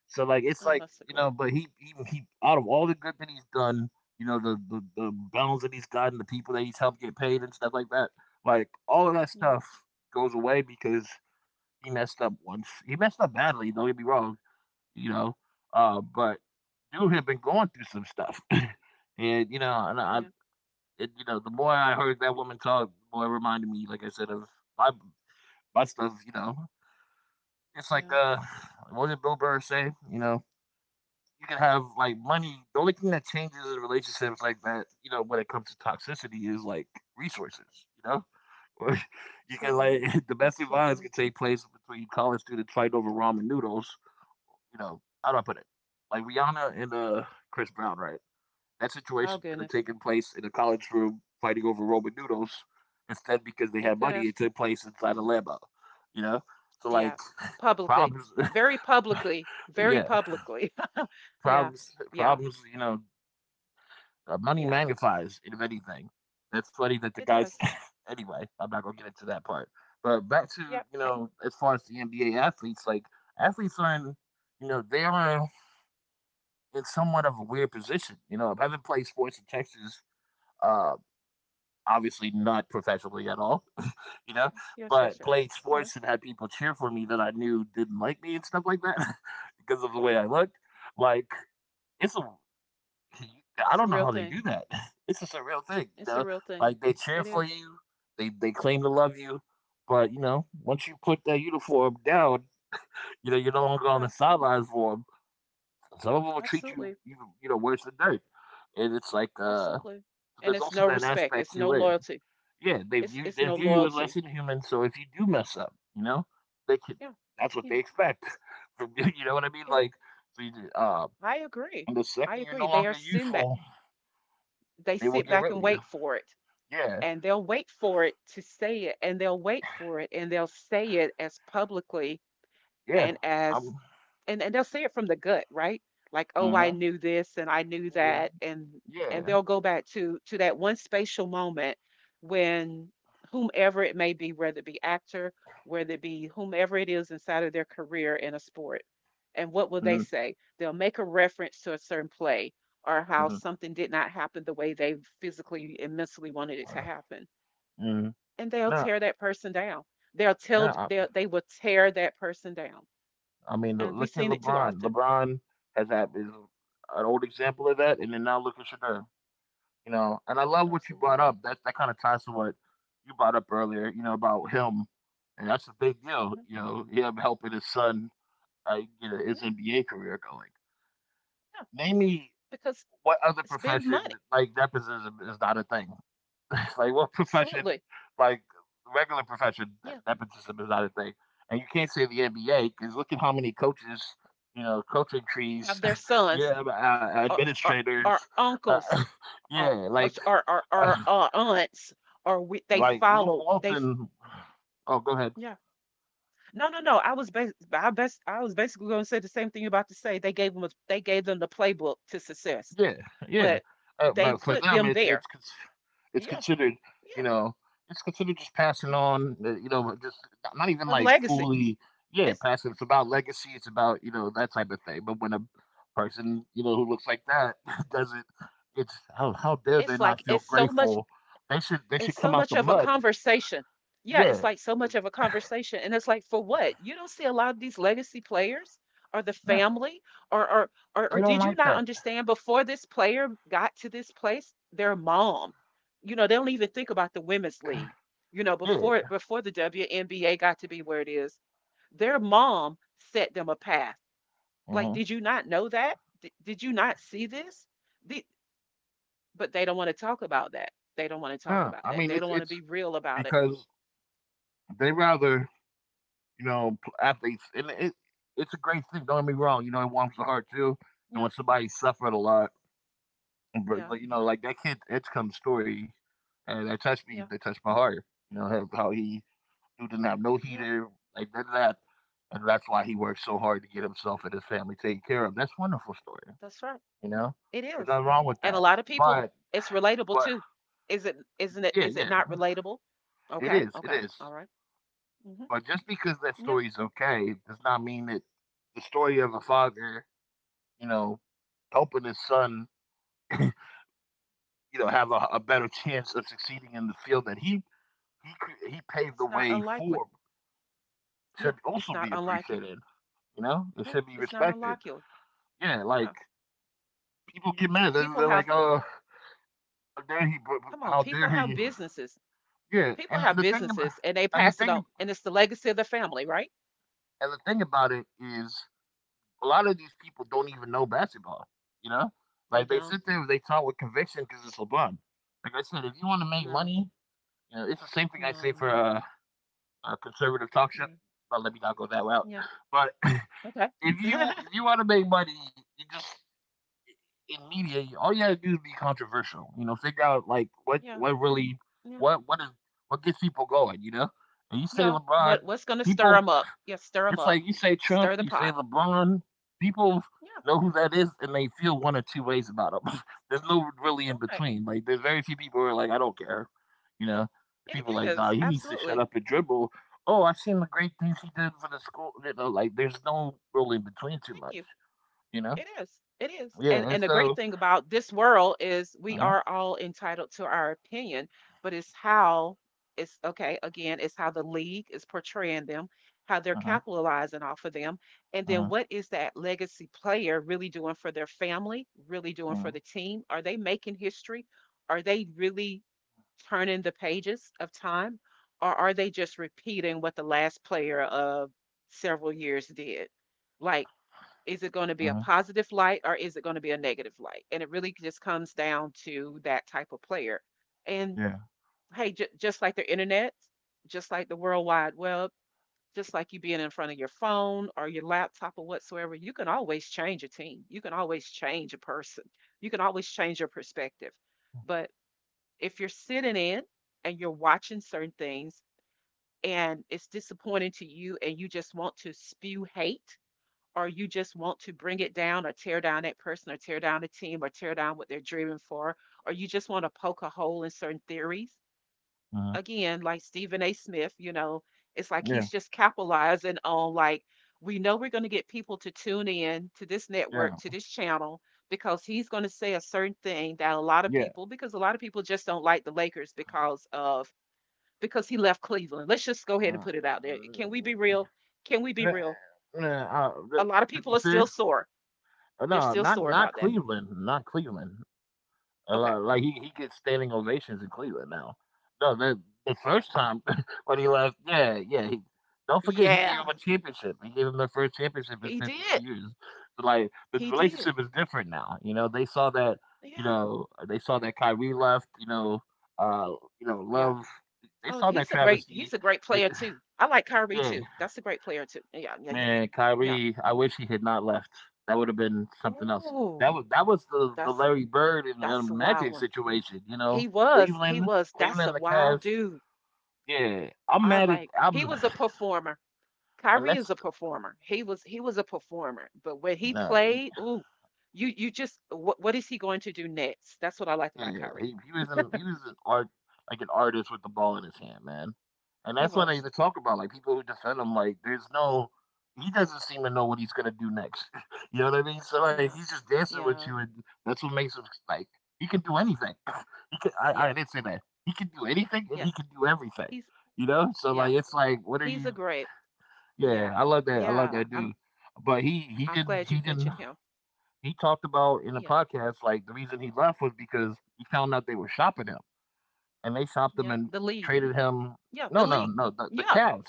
[SPEAKER 1] So like it's
[SPEAKER 2] I
[SPEAKER 1] like,
[SPEAKER 2] must
[SPEAKER 1] you
[SPEAKER 2] agree.
[SPEAKER 1] know, but he out of all the good that he's done, you know, the battles that he's gotten, the people that he's helped get paid and stuff like that. Like all of that
[SPEAKER 2] Yeah,
[SPEAKER 1] stuff goes away because he messed up once. He messed up badly. Don't get me wrong, you know. But dude had been going through some stuff, (laughs) and you know,
[SPEAKER 2] yeah,
[SPEAKER 1] and, you know, the more I heard that woman talk, the more it reminded me, like I said, of my my stuff. You know, it's like
[SPEAKER 2] yeah.
[SPEAKER 1] what did Bill Burr say? You know, you can have like money. The only thing that changes in relationships like that, you know, when it comes to toxicity is like resources, you know? (laughs) Like, you can
[SPEAKER 2] Absolutely.
[SPEAKER 1] like (laughs) domestic violence can
[SPEAKER 2] Absolutely.
[SPEAKER 1] take place between college students fighting over ramen noodles, you know, how do I put it? Like Rihanna and Chris Brown, right? That situation
[SPEAKER 2] Oh,
[SPEAKER 1] could have
[SPEAKER 2] goodness.
[SPEAKER 1] taken place in a college room fighting over ramen noodles. Instead, because they
[SPEAKER 2] It
[SPEAKER 1] had
[SPEAKER 2] could
[SPEAKER 1] money,
[SPEAKER 2] have,
[SPEAKER 1] it took place inside a Lambo, you know? So like
[SPEAKER 2] yeah,
[SPEAKER 1] (laughs)
[SPEAKER 2] publicly,
[SPEAKER 1] problems (laughs)
[SPEAKER 2] very publicly, very
[SPEAKER 1] yeah
[SPEAKER 2] publicly. (laughs) Yeah, yeah,
[SPEAKER 1] problems you know. Money
[SPEAKER 2] yeah.
[SPEAKER 1] magnifies, if anything. That's funny that the
[SPEAKER 2] It
[SPEAKER 1] guys.
[SPEAKER 2] does.
[SPEAKER 1] (laughs) Anyway, I'm not gonna get into that part. But back to,
[SPEAKER 2] Yep.
[SPEAKER 1] you
[SPEAKER 2] Hey,
[SPEAKER 1] know, as far as the NBA athletes, like athletes are in, you know, they are in somewhat of a weird position. You know, having played sports in Texas, uh, obviously not professionally at all. (laughs) You know,
[SPEAKER 2] yes, yes, yes,
[SPEAKER 1] but
[SPEAKER 2] yes.
[SPEAKER 1] played
[SPEAKER 2] Yeah.
[SPEAKER 1] sports and had people cheer for me that I knew didn't like me and stuff like that (laughs) because of the way I
[SPEAKER 2] Oh,
[SPEAKER 1] looked. Like it's a (clears throat) (laughs) I
[SPEAKER 2] it's a
[SPEAKER 1] don't know
[SPEAKER 2] real
[SPEAKER 1] how they
[SPEAKER 2] thing.
[SPEAKER 1] do that. (laughs) It's just a real thing, you
[SPEAKER 2] It's a
[SPEAKER 1] know.
[SPEAKER 2] real thing.
[SPEAKER 1] Like they cheer
[SPEAKER 2] It
[SPEAKER 1] for
[SPEAKER 2] is.
[SPEAKER 1] you, they claim to love you, but you know, once you put that uniform down, you know, you're no longer on the
[SPEAKER 2] Yeah,
[SPEAKER 1] sidelines for them. Some of them will treat you,
[SPEAKER 2] absolutely.
[SPEAKER 1] you know, worse than dirt. And it's like,
[SPEAKER 2] Absolutely. And
[SPEAKER 1] there's
[SPEAKER 2] it's
[SPEAKER 1] also
[SPEAKER 2] no
[SPEAKER 1] that
[SPEAKER 2] respect.
[SPEAKER 1] aspect
[SPEAKER 2] It's no
[SPEAKER 1] to it.
[SPEAKER 2] loyalty.
[SPEAKER 1] Yeah,
[SPEAKER 2] It's
[SPEAKER 1] they
[SPEAKER 2] no
[SPEAKER 1] view you as less
[SPEAKER 2] loyalty.
[SPEAKER 1] than human. So if you do mess up, you know, they can.
[SPEAKER 2] Yeah.
[SPEAKER 1] That's what they
[SPEAKER 2] Yeah.
[SPEAKER 1] expect (laughs) from you. You know what I mean?
[SPEAKER 2] Yeah.
[SPEAKER 1] Like, so you,
[SPEAKER 2] I agree.
[SPEAKER 1] and the
[SPEAKER 2] I
[SPEAKER 1] second you're
[SPEAKER 2] agree.
[SPEAKER 1] no
[SPEAKER 2] They are
[SPEAKER 1] longer
[SPEAKER 2] sitting back.
[SPEAKER 1] useful,
[SPEAKER 2] They
[SPEAKER 1] they will
[SPEAKER 2] sit
[SPEAKER 1] get
[SPEAKER 2] back
[SPEAKER 1] rid
[SPEAKER 2] and
[SPEAKER 1] of you.
[SPEAKER 2] wait for it.
[SPEAKER 1] Yeah.
[SPEAKER 2] And they'll wait for it to say it and they'll wait for it and they'll say it as publicly
[SPEAKER 1] Yeah.
[SPEAKER 2] and as
[SPEAKER 1] I'm.
[SPEAKER 2] and they'll say it from the gut, right, like oh I
[SPEAKER 1] Mhm.
[SPEAKER 2] knew this and I knew
[SPEAKER 1] Yeah.
[SPEAKER 2] that. And
[SPEAKER 1] Yeah.
[SPEAKER 2] they'll go back to that one spatial moment when whomever it may be, whether it be actor, whether it be whomever it is inside of their career in a sport, and what will they
[SPEAKER 1] Mhm.
[SPEAKER 2] say, they'll make a reference to a certain play or how
[SPEAKER 1] Mhm.
[SPEAKER 2] something did not happen the way they physically and mentally wanted it to happen,
[SPEAKER 1] Mhm.
[SPEAKER 2] and they'll
[SPEAKER 1] No.
[SPEAKER 2] tear that person down. They'll
[SPEAKER 1] No.
[SPEAKER 2] tell
[SPEAKER 1] I,
[SPEAKER 2] they will tear that person down,
[SPEAKER 1] I mean,
[SPEAKER 2] and we've
[SPEAKER 1] look at
[SPEAKER 2] seen it too
[SPEAKER 1] LeBron.
[SPEAKER 2] often.
[SPEAKER 1] LeBron has had— is an old example of that, and then now look at Shadur. You know, and I love what you brought
[SPEAKER 2] Absolutely.
[SPEAKER 1] up. That that kind of ties to what you brought up earlier. You know, about him, and that's a big deal.
[SPEAKER 2] Mhm.
[SPEAKER 1] You know, him helping his son get
[SPEAKER 2] Yeah,
[SPEAKER 1] his NBA career going.
[SPEAKER 2] yeah,
[SPEAKER 1] Name me
[SPEAKER 2] because
[SPEAKER 1] what other
[SPEAKER 2] it's been
[SPEAKER 1] profession,
[SPEAKER 2] money.
[SPEAKER 1] like, nepotism is not a thing. (laughs) Like what profession,
[SPEAKER 2] Absolutely.
[SPEAKER 1] like regular profession,
[SPEAKER 2] Yeah,
[SPEAKER 1] nepotism is not a thing. And you can't say the NBA because look at how many coaches, you know, coaching
[SPEAKER 2] have
[SPEAKER 1] trees,
[SPEAKER 2] their
[SPEAKER 1] (laughs)
[SPEAKER 2] sons
[SPEAKER 1] yeah,
[SPEAKER 2] or or,
[SPEAKER 1] administrators,
[SPEAKER 2] or
[SPEAKER 1] uh,
[SPEAKER 2] uncles
[SPEAKER 1] (laughs)
[SPEAKER 2] or
[SPEAKER 1] yeah,
[SPEAKER 2] or or, or, or
[SPEAKER 1] uh,
[SPEAKER 2] uh, aunts or we, they
[SPEAKER 1] like Luke
[SPEAKER 2] follow they.
[SPEAKER 1] Walton. Oh, go ahead.
[SPEAKER 2] Yeah, no, no, no. I best I was basically going to say the same thing you are about to say. They gave them the playbook to success,
[SPEAKER 1] Yeah, yeah.
[SPEAKER 2] but they
[SPEAKER 1] But for
[SPEAKER 2] put
[SPEAKER 1] them,
[SPEAKER 2] them there.
[SPEAKER 1] it's
[SPEAKER 2] Yeah,
[SPEAKER 1] considered, you
[SPEAKER 2] yeah,
[SPEAKER 1] know, it's considered just passing on. You know, just not— not even
[SPEAKER 2] a
[SPEAKER 1] like
[SPEAKER 2] legacy.
[SPEAKER 1] fully. Yeah,
[SPEAKER 2] It's
[SPEAKER 1] passing. It's about
[SPEAKER 2] no.
[SPEAKER 1] legacy. It's about, you know, that type of thing. But when a person, you know, who looks like that (laughs) does it, it's— how dare they
[SPEAKER 2] It's
[SPEAKER 1] not
[SPEAKER 2] like
[SPEAKER 1] feel
[SPEAKER 2] it's so much
[SPEAKER 1] grateful? They should— they
[SPEAKER 2] it's
[SPEAKER 1] should
[SPEAKER 2] so
[SPEAKER 1] come out
[SPEAKER 2] much
[SPEAKER 1] the
[SPEAKER 2] of a
[SPEAKER 1] mud.
[SPEAKER 2] conversation. Yeah, it's
[SPEAKER 1] Yeah,
[SPEAKER 2] like so much of a conversation. And it's like for what? You don't see a lot of these legacy players or the
[SPEAKER 1] no,
[SPEAKER 2] family or or
[SPEAKER 1] they don't
[SPEAKER 2] did you
[SPEAKER 1] like
[SPEAKER 2] not
[SPEAKER 1] that.
[SPEAKER 2] understand before this player got to this place, their mom. You know, they don't even think about the women's league. You know, before
[SPEAKER 1] Yeah,
[SPEAKER 2] before the WNBA got to be where it is, their mom set them a path. Like,
[SPEAKER 1] uh-huh.
[SPEAKER 2] did you not know that? Did you not see this? The- But they don't wanna talk about that. They don't wanna talk
[SPEAKER 1] No.
[SPEAKER 2] about
[SPEAKER 1] I
[SPEAKER 2] that.
[SPEAKER 1] mean,
[SPEAKER 2] They
[SPEAKER 1] it's—
[SPEAKER 2] don't wanna
[SPEAKER 1] it's
[SPEAKER 2] be real about it.
[SPEAKER 1] because they rather, you know, athletes, it's a great thing. Don't get me wrong. You know, it warms the heart too. And
[SPEAKER 2] Yeah,
[SPEAKER 1] when somebody suffered a lot, but
[SPEAKER 2] yeah,
[SPEAKER 1] like, you know, like that kid Edgecombe's story, that touched me.
[SPEAKER 2] yeah,
[SPEAKER 1] That touched my heart. You know, how he— who didn't have no
[SPEAKER 2] yep,
[SPEAKER 1] heater, like none of that, and that's why he worked so hard to get himself and his family taken care of. That's a wonderful story.
[SPEAKER 2] that's right.
[SPEAKER 1] You know,
[SPEAKER 2] It
[SPEAKER 1] there's
[SPEAKER 2] is.
[SPEAKER 1] nothing wrong with
[SPEAKER 2] And a
[SPEAKER 1] that.
[SPEAKER 2] lot of people,
[SPEAKER 1] But
[SPEAKER 2] it's relatable
[SPEAKER 1] but
[SPEAKER 2] too. Is it, isn't it,
[SPEAKER 1] yeah,
[SPEAKER 2] is it
[SPEAKER 1] yeah,
[SPEAKER 2] not relatable?
[SPEAKER 1] it
[SPEAKER 2] Okay,
[SPEAKER 1] is, it
[SPEAKER 2] okay,
[SPEAKER 1] is.
[SPEAKER 2] all right. Mhm.
[SPEAKER 1] But just because that
[SPEAKER 2] Yeah.
[SPEAKER 1] story is okay does not mean that the story of a father, you know, helping his son, (clears throat) you know, have a better chance of succeeding in the field that he he paved the
[SPEAKER 2] It's not
[SPEAKER 1] way
[SPEAKER 2] unlikely.
[SPEAKER 1] for,
[SPEAKER 2] Yeah,
[SPEAKER 1] should
[SPEAKER 2] it's
[SPEAKER 1] also
[SPEAKER 2] not
[SPEAKER 1] be
[SPEAKER 2] unlikely.
[SPEAKER 1] appreciated. You know, it
[SPEAKER 2] Yeah,
[SPEAKER 1] should be
[SPEAKER 2] it's not
[SPEAKER 1] respected.
[SPEAKER 2] unlikely.
[SPEAKER 1] Yeah, like
[SPEAKER 2] Yeah.
[SPEAKER 1] people get mad.
[SPEAKER 2] People
[SPEAKER 1] They're like,
[SPEAKER 2] have
[SPEAKER 1] "Oh, how dare he?
[SPEAKER 2] come on,
[SPEAKER 1] How
[SPEAKER 2] people
[SPEAKER 1] dare
[SPEAKER 2] have
[SPEAKER 1] he?"
[SPEAKER 2] businesses.
[SPEAKER 1] Yeah,
[SPEAKER 2] People
[SPEAKER 1] and
[SPEAKER 2] have
[SPEAKER 1] the thing about
[SPEAKER 2] businesses and they pass it on.
[SPEAKER 1] and
[SPEAKER 2] And it's the legacy of the family, right?
[SPEAKER 1] the thing about it is, a lot of these people don't even know basketball. You know,
[SPEAKER 2] They
[SPEAKER 1] like they
[SPEAKER 2] don't.
[SPEAKER 1] sit there, they talk with conviction because it's LeBron. Like I said, if you want to make
[SPEAKER 2] No,
[SPEAKER 1] money, you know, it's the same thing I say for
[SPEAKER 2] no,
[SPEAKER 1] a conservative talk show.
[SPEAKER 2] yeah,
[SPEAKER 1] Well, let me not go that route.
[SPEAKER 2] yeah.
[SPEAKER 1] But (clears throat)
[SPEAKER 2] Okay. (laughs)
[SPEAKER 1] if you want to make money, you just in media, all you gotta do is be controversial. You know, figure out like what
[SPEAKER 2] Yeah,
[SPEAKER 1] what really
[SPEAKER 2] yeah,
[SPEAKER 1] what is what gets people going. You know, and you say
[SPEAKER 2] yeah.
[SPEAKER 1] LeBron,
[SPEAKER 2] What what's gonna stir
[SPEAKER 1] people
[SPEAKER 2] them up? Yeah, stir them
[SPEAKER 1] it's
[SPEAKER 2] up.
[SPEAKER 1] like you say Trump,
[SPEAKER 2] Stir the
[SPEAKER 1] you say
[SPEAKER 2] pot.
[SPEAKER 1] LeBron, people
[SPEAKER 2] Yeah,
[SPEAKER 1] know who that is and they feel one or two ways about them. (laughs) There's no really in
[SPEAKER 2] you're right.
[SPEAKER 1] between. Like there's very few people who are like, "I don't care." You
[SPEAKER 2] Yeah,
[SPEAKER 1] know?
[SPEAKER 2] it
[SPEAKER 1] People like, "Nah,
[SPEAKER 2] is.
[SPEAKER 1] he needs to shut
[SPEAKER 2] Absolutely.
[SPEAKER 1] up and dribble. Oh, I've seen the great things he did for the school." You know, like there's no really in
[SPEAKER 2] Yeah,
[SPEAKER 1] between too
[SPEAKER 2] thank
[SPEAKER 1] much,
[SPEAKER 2] you.
[SPEAKER 1] you know?
[SPEAKER 2] It is. It is.
[SPEAKER 1] Yeah, and
[SPEAKER 2] And the
[SPEAKER 1] so
[SPEAKER 2] great thing about this world is we
[SPEAKER 1] uh-huh,
[SPEAKER 2] are all entitled to our opinion, but it's how it's okay, again, it's how the league is portraying them, how they're
[SPEAKER 1] uh-huh,
[SPEAKER 2] capitalizing off of them, and then
[SPEAKER 1] uh-huh,
[SPEAKER 2] what is that legacy player really doing for their family, really doing for
[SPEAKER 1] uh-huh,
[SPEAKER 2] the team? Are they making history? Are they really turning the pages of time? Or are they just repeating what the last player of several years did? Like is it gonna be a
[SPEAKER 1] uh-huh,
[SPEAKER 2] positive light or is it gonna be a negative light? And it really just comes down to that type of player. And
[SPEAKER 1] yeah,
[SPEAKER 2] hey, just like the internet, just like the World Wide Web, just like you being in front of your phone or your laptop or whatsoever, you can always change a team. You can always change a person. You can always change your perspective. But if you're sitting in and you're watching certain things and it's disappointing to you and you just want to spew hate or you just want to bring it down or tear down that person or tear down the team or tear down what they're dreaming for, or you just want to poke a hole in certain theories.
[SPEAKER 1] uh-huh,
[SPEAKER 2] Again, like Stephen A. Smith, you know, it's like
[SPEAKER 1] yeah,
[SPEAKER 2] he's just capitalizing on like we know we're going to get people to tune in to this network,
[SPEAKER 1] yeah,
[SPEAKER 2] to this channel, because he's going to say a certain thing that a lot of
[SPEAKER 1] yeah.
[SPEAKER 2] people, because a lot of people just don't like the Lakers because of because he left Cleveland. Let's just go ahead and
[SPEAKER 1] Uh,
[SPEAKER 2] put it out there. Can we be real? Can we be
[SPEAKER 1] nah,
[SPEAKER 2] real?
[SPEAKER 1] nah, uh,
[SPEAKER 2] A
[SPEAKER 1] th-
[SPEAKER 2] lot of
[SPEAKER 1] to
[SPEAKER 2] people
[SPEAKER 1] be
[SPEAKER 2] are still
[SPEAKER 1] fair,
[SPEAKER 2] sore, they're
[SPEAKER 1] No,
[SPEAKER 2] still
[SPEAKER 1] not
[SPEAKER 2] sore
[SPEAKER 1] not
[SPEAKER 2] about that.
[SPEAKER 1] Cleveland, not Cleveland. A
[SPEAKER 2] Okay.
[SPEAKER 1] lot, like he gets standing ovations in Cleveland now. No, the
[SPEAKER 2] Okay.
[SPEAKER 1] first time (laughs) when he left, yeah, yeah. He Don't forget he gave
[SPEAKER 2] Yeah.
[SPEAKER 1] him a championship. He gave him their first championship in
[SPEAKER 2] He
[SPEAKER 1] fifty two
[SPEAKER 2] did.
[SPEAKER 1] years. So like the
[SPEAKER 2] He did.
[SPEAKER 1] relationship is different now. You know, they saw that. You
[SPEAKER 2] Yeah.
[SPEAKER 1] know, they saw that Kyrie left. Uh, you know,
[SPEAKER 2] Yeah.
[SPEAKER 1] love. They
[SPEAKER 2] Oh,
[SPEAKER 1] saw that travesty.
[SPEAKER 2] he's a great
[SPEAKER 1] It,
[SPEAKER 2] player
[SPEAKER 1] (sighs)
[SPEAKER 2] too. I like
[SPEAKER 1] (laughs)
[SPEAKER 2] Kyrie
[SPEAKER 1] yeah,
[SPEAKER 2] too. That's a great player too. Yeah, yeah, yeah, yeah.
[SPEAKER 1] man,
[SPEAKER 2] Yeah.
[SPEAKER 1] Kyrie, I wish he had not left. That would have been something else.
[SPEAKER 2] Ooh,
[SPEAKER 1] That was the
[SPEAKER 2] that's a
[SPEAKER 1] Larry Bird
[SPEAKER 2] that's a
[SPEAKER 1] and
[SPEAKER 2] wild
[SPEAKER 1] Magic
[SPEAKER 2] one.
[SPEAKER 1] situation, you know.
[SPEAKER 2] That's
[SPEAKER 1] Cleveland,
[SPEAKER 2] a
[SPEAKER 1] and the
[SPEAKER 2] wild
[SPEAKER 1] Cavs.
[SPEAKER 2] dude.
[SPEAKER 1] Yeah, I'm
[SPEAKER 2] I
[SPEAKER 1] mad at
[SPEAKER 2] like he
[SPEAKER 1] I'm,
[SPEAKER 2] was a performer.
[SPEAKER 1] and
[SPEAKER 2] Kyrie is
[SPEAKER 1] that's
[SPEAKER 2] a performer. He was a performer. But when he
[SPEAKER 1] uh,
[SPEAKER 2] played, ooh, you just what is he going to do next? That's what I like about
[SPEAKER 1] yeah,
[SPEAKER 2] Kyrie.
[SPEAKER 1] he was an art like an artist with the ball in his hand, man. And
[SPEAKER 2] He
[SPEAKER 1] that's what I
[SPEAKER 2] was.
[SPEAKER 1] even talk about. Like people who defend him, like there's no he doesn't seem to know what he's gonna do next. (laughs) You know what I mean? So like
[SPEAKER 2] Yeah,
[SPEAKER 1] he's just dancing with
[SPEAKER 2] yeah,
[SPEAKER 1] you and that's what makes him like he can do anything. (laughs) I
[SPEAKER 2] yeah,
[SPEAKER 1] didn't say that. He can do anything and
[SPEAKER 2] yeah.
[SPEAKER 1] he can do everything.
[SPEAKER 2] He's
[SPEAKER 1] You know? So
[SPEAKER 2] yeah.
[SPEAKER 1] like it's like what are
[SPEAKER 2] He's
[SPEAKER 1] you
[SPEAKER 2] a great.
[SPEAKER 1] yeah, I
[SPEAKER 2] Yeah,
[SPEAKER 1] love that. I love
[SPEAKER 2] yeah,
[SPEAKER 1] that
[SPEAKER 2] I'm
[SPEAKER 1] dude. But he
[SPEAKER 2] I'm
[SPEAKER 1] didn't
[SPEAKER 2] glad you
[SPEAKER 1] he didn't
[SPEAKER 2] mentioned him.
[SPEAKER 1] he talked about in a
[SPEAKER 2] Yeah.
[SPEAKER 1] podcast like the reason he left was because he found out they were shopping him and they shopped him
[SPEAKER 2] Yep,
[SPEAKER 1] and
[SPEAKER 2] the league.
[SPEAKER 1] traded him.
[SPEAKER 2] Yeah, the
[SPEAKER 1] No,
[SPEAKER 2] league.
[SPEAKER 1] no, the
[SPEAKER 2] Yeah.
[SPEAKER 1] Cavs.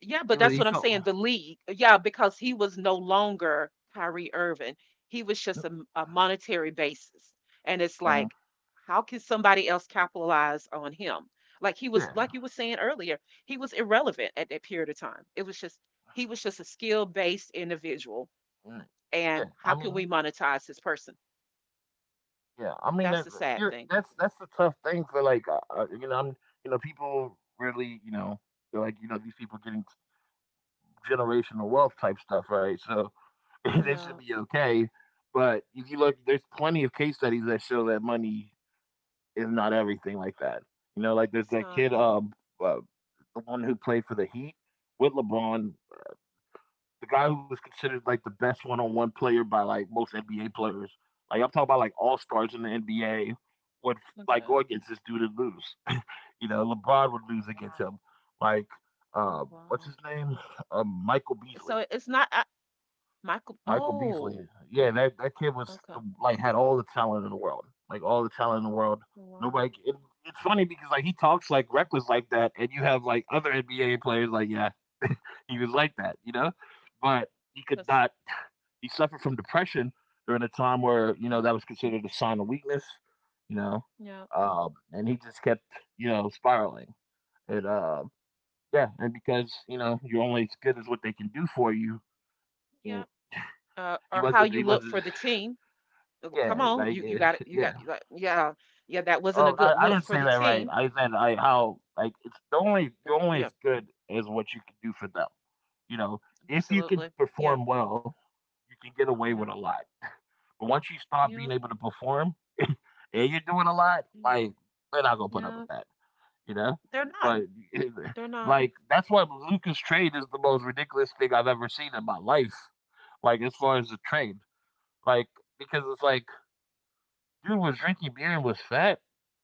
[SPEAKER 2] Yeah,
[SPEAKER 1] He
[SPEAKER 2] but
[SPEAKER 1] was
[SPEAKER 2] that's
[SPEAKER 1] he
[SPEAKER 2] what I'm
[SPEAKER 1] felt.
[SPEAKER 2] saying, the league. Yeah, because he was no longer Kyrie Irving. He was just a, a monetary basis. And it's
[SPEAKER 1] Uh
[SPEAKER 2] like how can somebody else capitalize on him? Like he was,
[SPEAKER 1] Yeah,
[SPEAKER 2] like you were saying earlier, he was irrelevant at that period of time. It was just he was just a skill-based individual.
[SPEAKER 1] mm, yeah.
[SPEAKER 2] And how can we monetize this person?
[SPEAKER 1] I mean,
[SPEAKER 2] That's the sad thing.
[SPEAKER 1] that's the tough thing for like you know I'm you know people really you know they're like you know these people getting generational wealth type stuff right so (laughs) they
[SPEAKER 2] Yeah,
[SPEAKER 1] should be okay, but if you look there's plenty of case studies that show that money is not everything like that. You know, like there's
[SPEAKER 2] it's
[SPEAKER 1] that
[SPEAKER 2] not.
[SPEAKER 1] kid, uh, the one who played for the Heat with LeBron, the guy who was considered like the best one-on-one player by like most NBA players. Like I'm talking about like all stars in the NBA would like
[SPEAKER 2] Okay.
[SPEAKER 1] go against this dude and lose. (laughs) You know, LeBron would
[SPEAKER 2] Oh,
[SPEAKER 1] lose against him.
[SPEAKER 2] wow.
[SPEAKER 1] Like,
[SPEAKER 2] Oh,
[SPEAKER 1] what's
[SPEAKER 2] wow.
[SPEAKER 1] his name? Michael
[SPEAKER 2] So
[SPEAKER 1] Beasley.
[SPEAKER 2] it's not I, Michael.
[SPEAKER 1] Michael Beasley.
[SPEAKER 2] Oh,
[SPEAKER 1] Yeah, that kid
[SPEAKER 2] okay. Oh,
[SPEAKER 1] like had all the talent in the world, like all the talent in the world.
[SPEAKER 2] wow.
[SPEAKER 1] Nobody. It, it's funny because like he talks like reckless like that, and you have like other NBA players like yeah, (laughs) he was like that, you know, but he could
[SPEAKER 2] That's,
[SPEAKER 1] not. He suffered from depression during a time where you know
[SPEAKER 2] mm,
[SPEAKER 1] that was considered a sign of weakness, you know,
[SPEAKER 2] yeah.
[SPEAKER 1] and he just kept you know spiraling. And yeah, and because you know you're only as good as what they can do for you,
[SPEAKER 2] Yeah.
[SPEAKER 1] and
[SPEAKER 2] Or how
[SPEAKER 1] he
[SPEAKER 2] you look
[SPEAKER 1] wasn't
[SPEAKER 2] for the team.
[SPEAKER 1] yeah,
[SPEAKER 2] Come on, you you got it.
[SPEAKER 1] (laughs) yeah.
[SPEAKER 2] Yeah, yeah. That wasn't a
[SPEAKER 1] Oh,
[SPEAKER 2] good
[SPEAKER 1] I
[SPEAKER 2] look
[SPEAKER 1] didn't
[SPEAKER 2] for
[SPEAKER 1] say
[SPEAKER 2] the
[SPEAKER 1] that right.
[SPEAKER 2] team.
[SPEAKER 1] I said I how like it's the only
[SPEAKER 2] Mm,
[SPEAKER 1] you're only
[SPEAKER 2] yeah,
[SPEAKER 1] as good as what you can do for them. You know, if you can
[SPEAKER 2] absolutely. Yeah,
[SPEAKER 1] perform well, you can get away with a
[SPEAKER 2] yeah,
[SPEAKER 1] lot. (laughs) But once you stop
[SPEAKER 2] yeah,
[SPEAKER 1] being able to perform (laughs) and you're doing a lot,
[SPEAKER 2] mm,
[SPEAKER 1] like they're not gonna put up
[SPEAKER 2] yeah.
[SPEAKER 1] with that, you know.
[SPEAKER 2] They're not.
[SPEAKER 1] But
[SPEAKER 2] They're
[SPEAKER 1] (laughs)
[SPEAKER 2] not.
[SPEAKER 1] like that's why Lucas trade is the most ridiculous thing I've ever seen in my life. Like as far as the trade, like because it's like dude was drinking beer and was fat,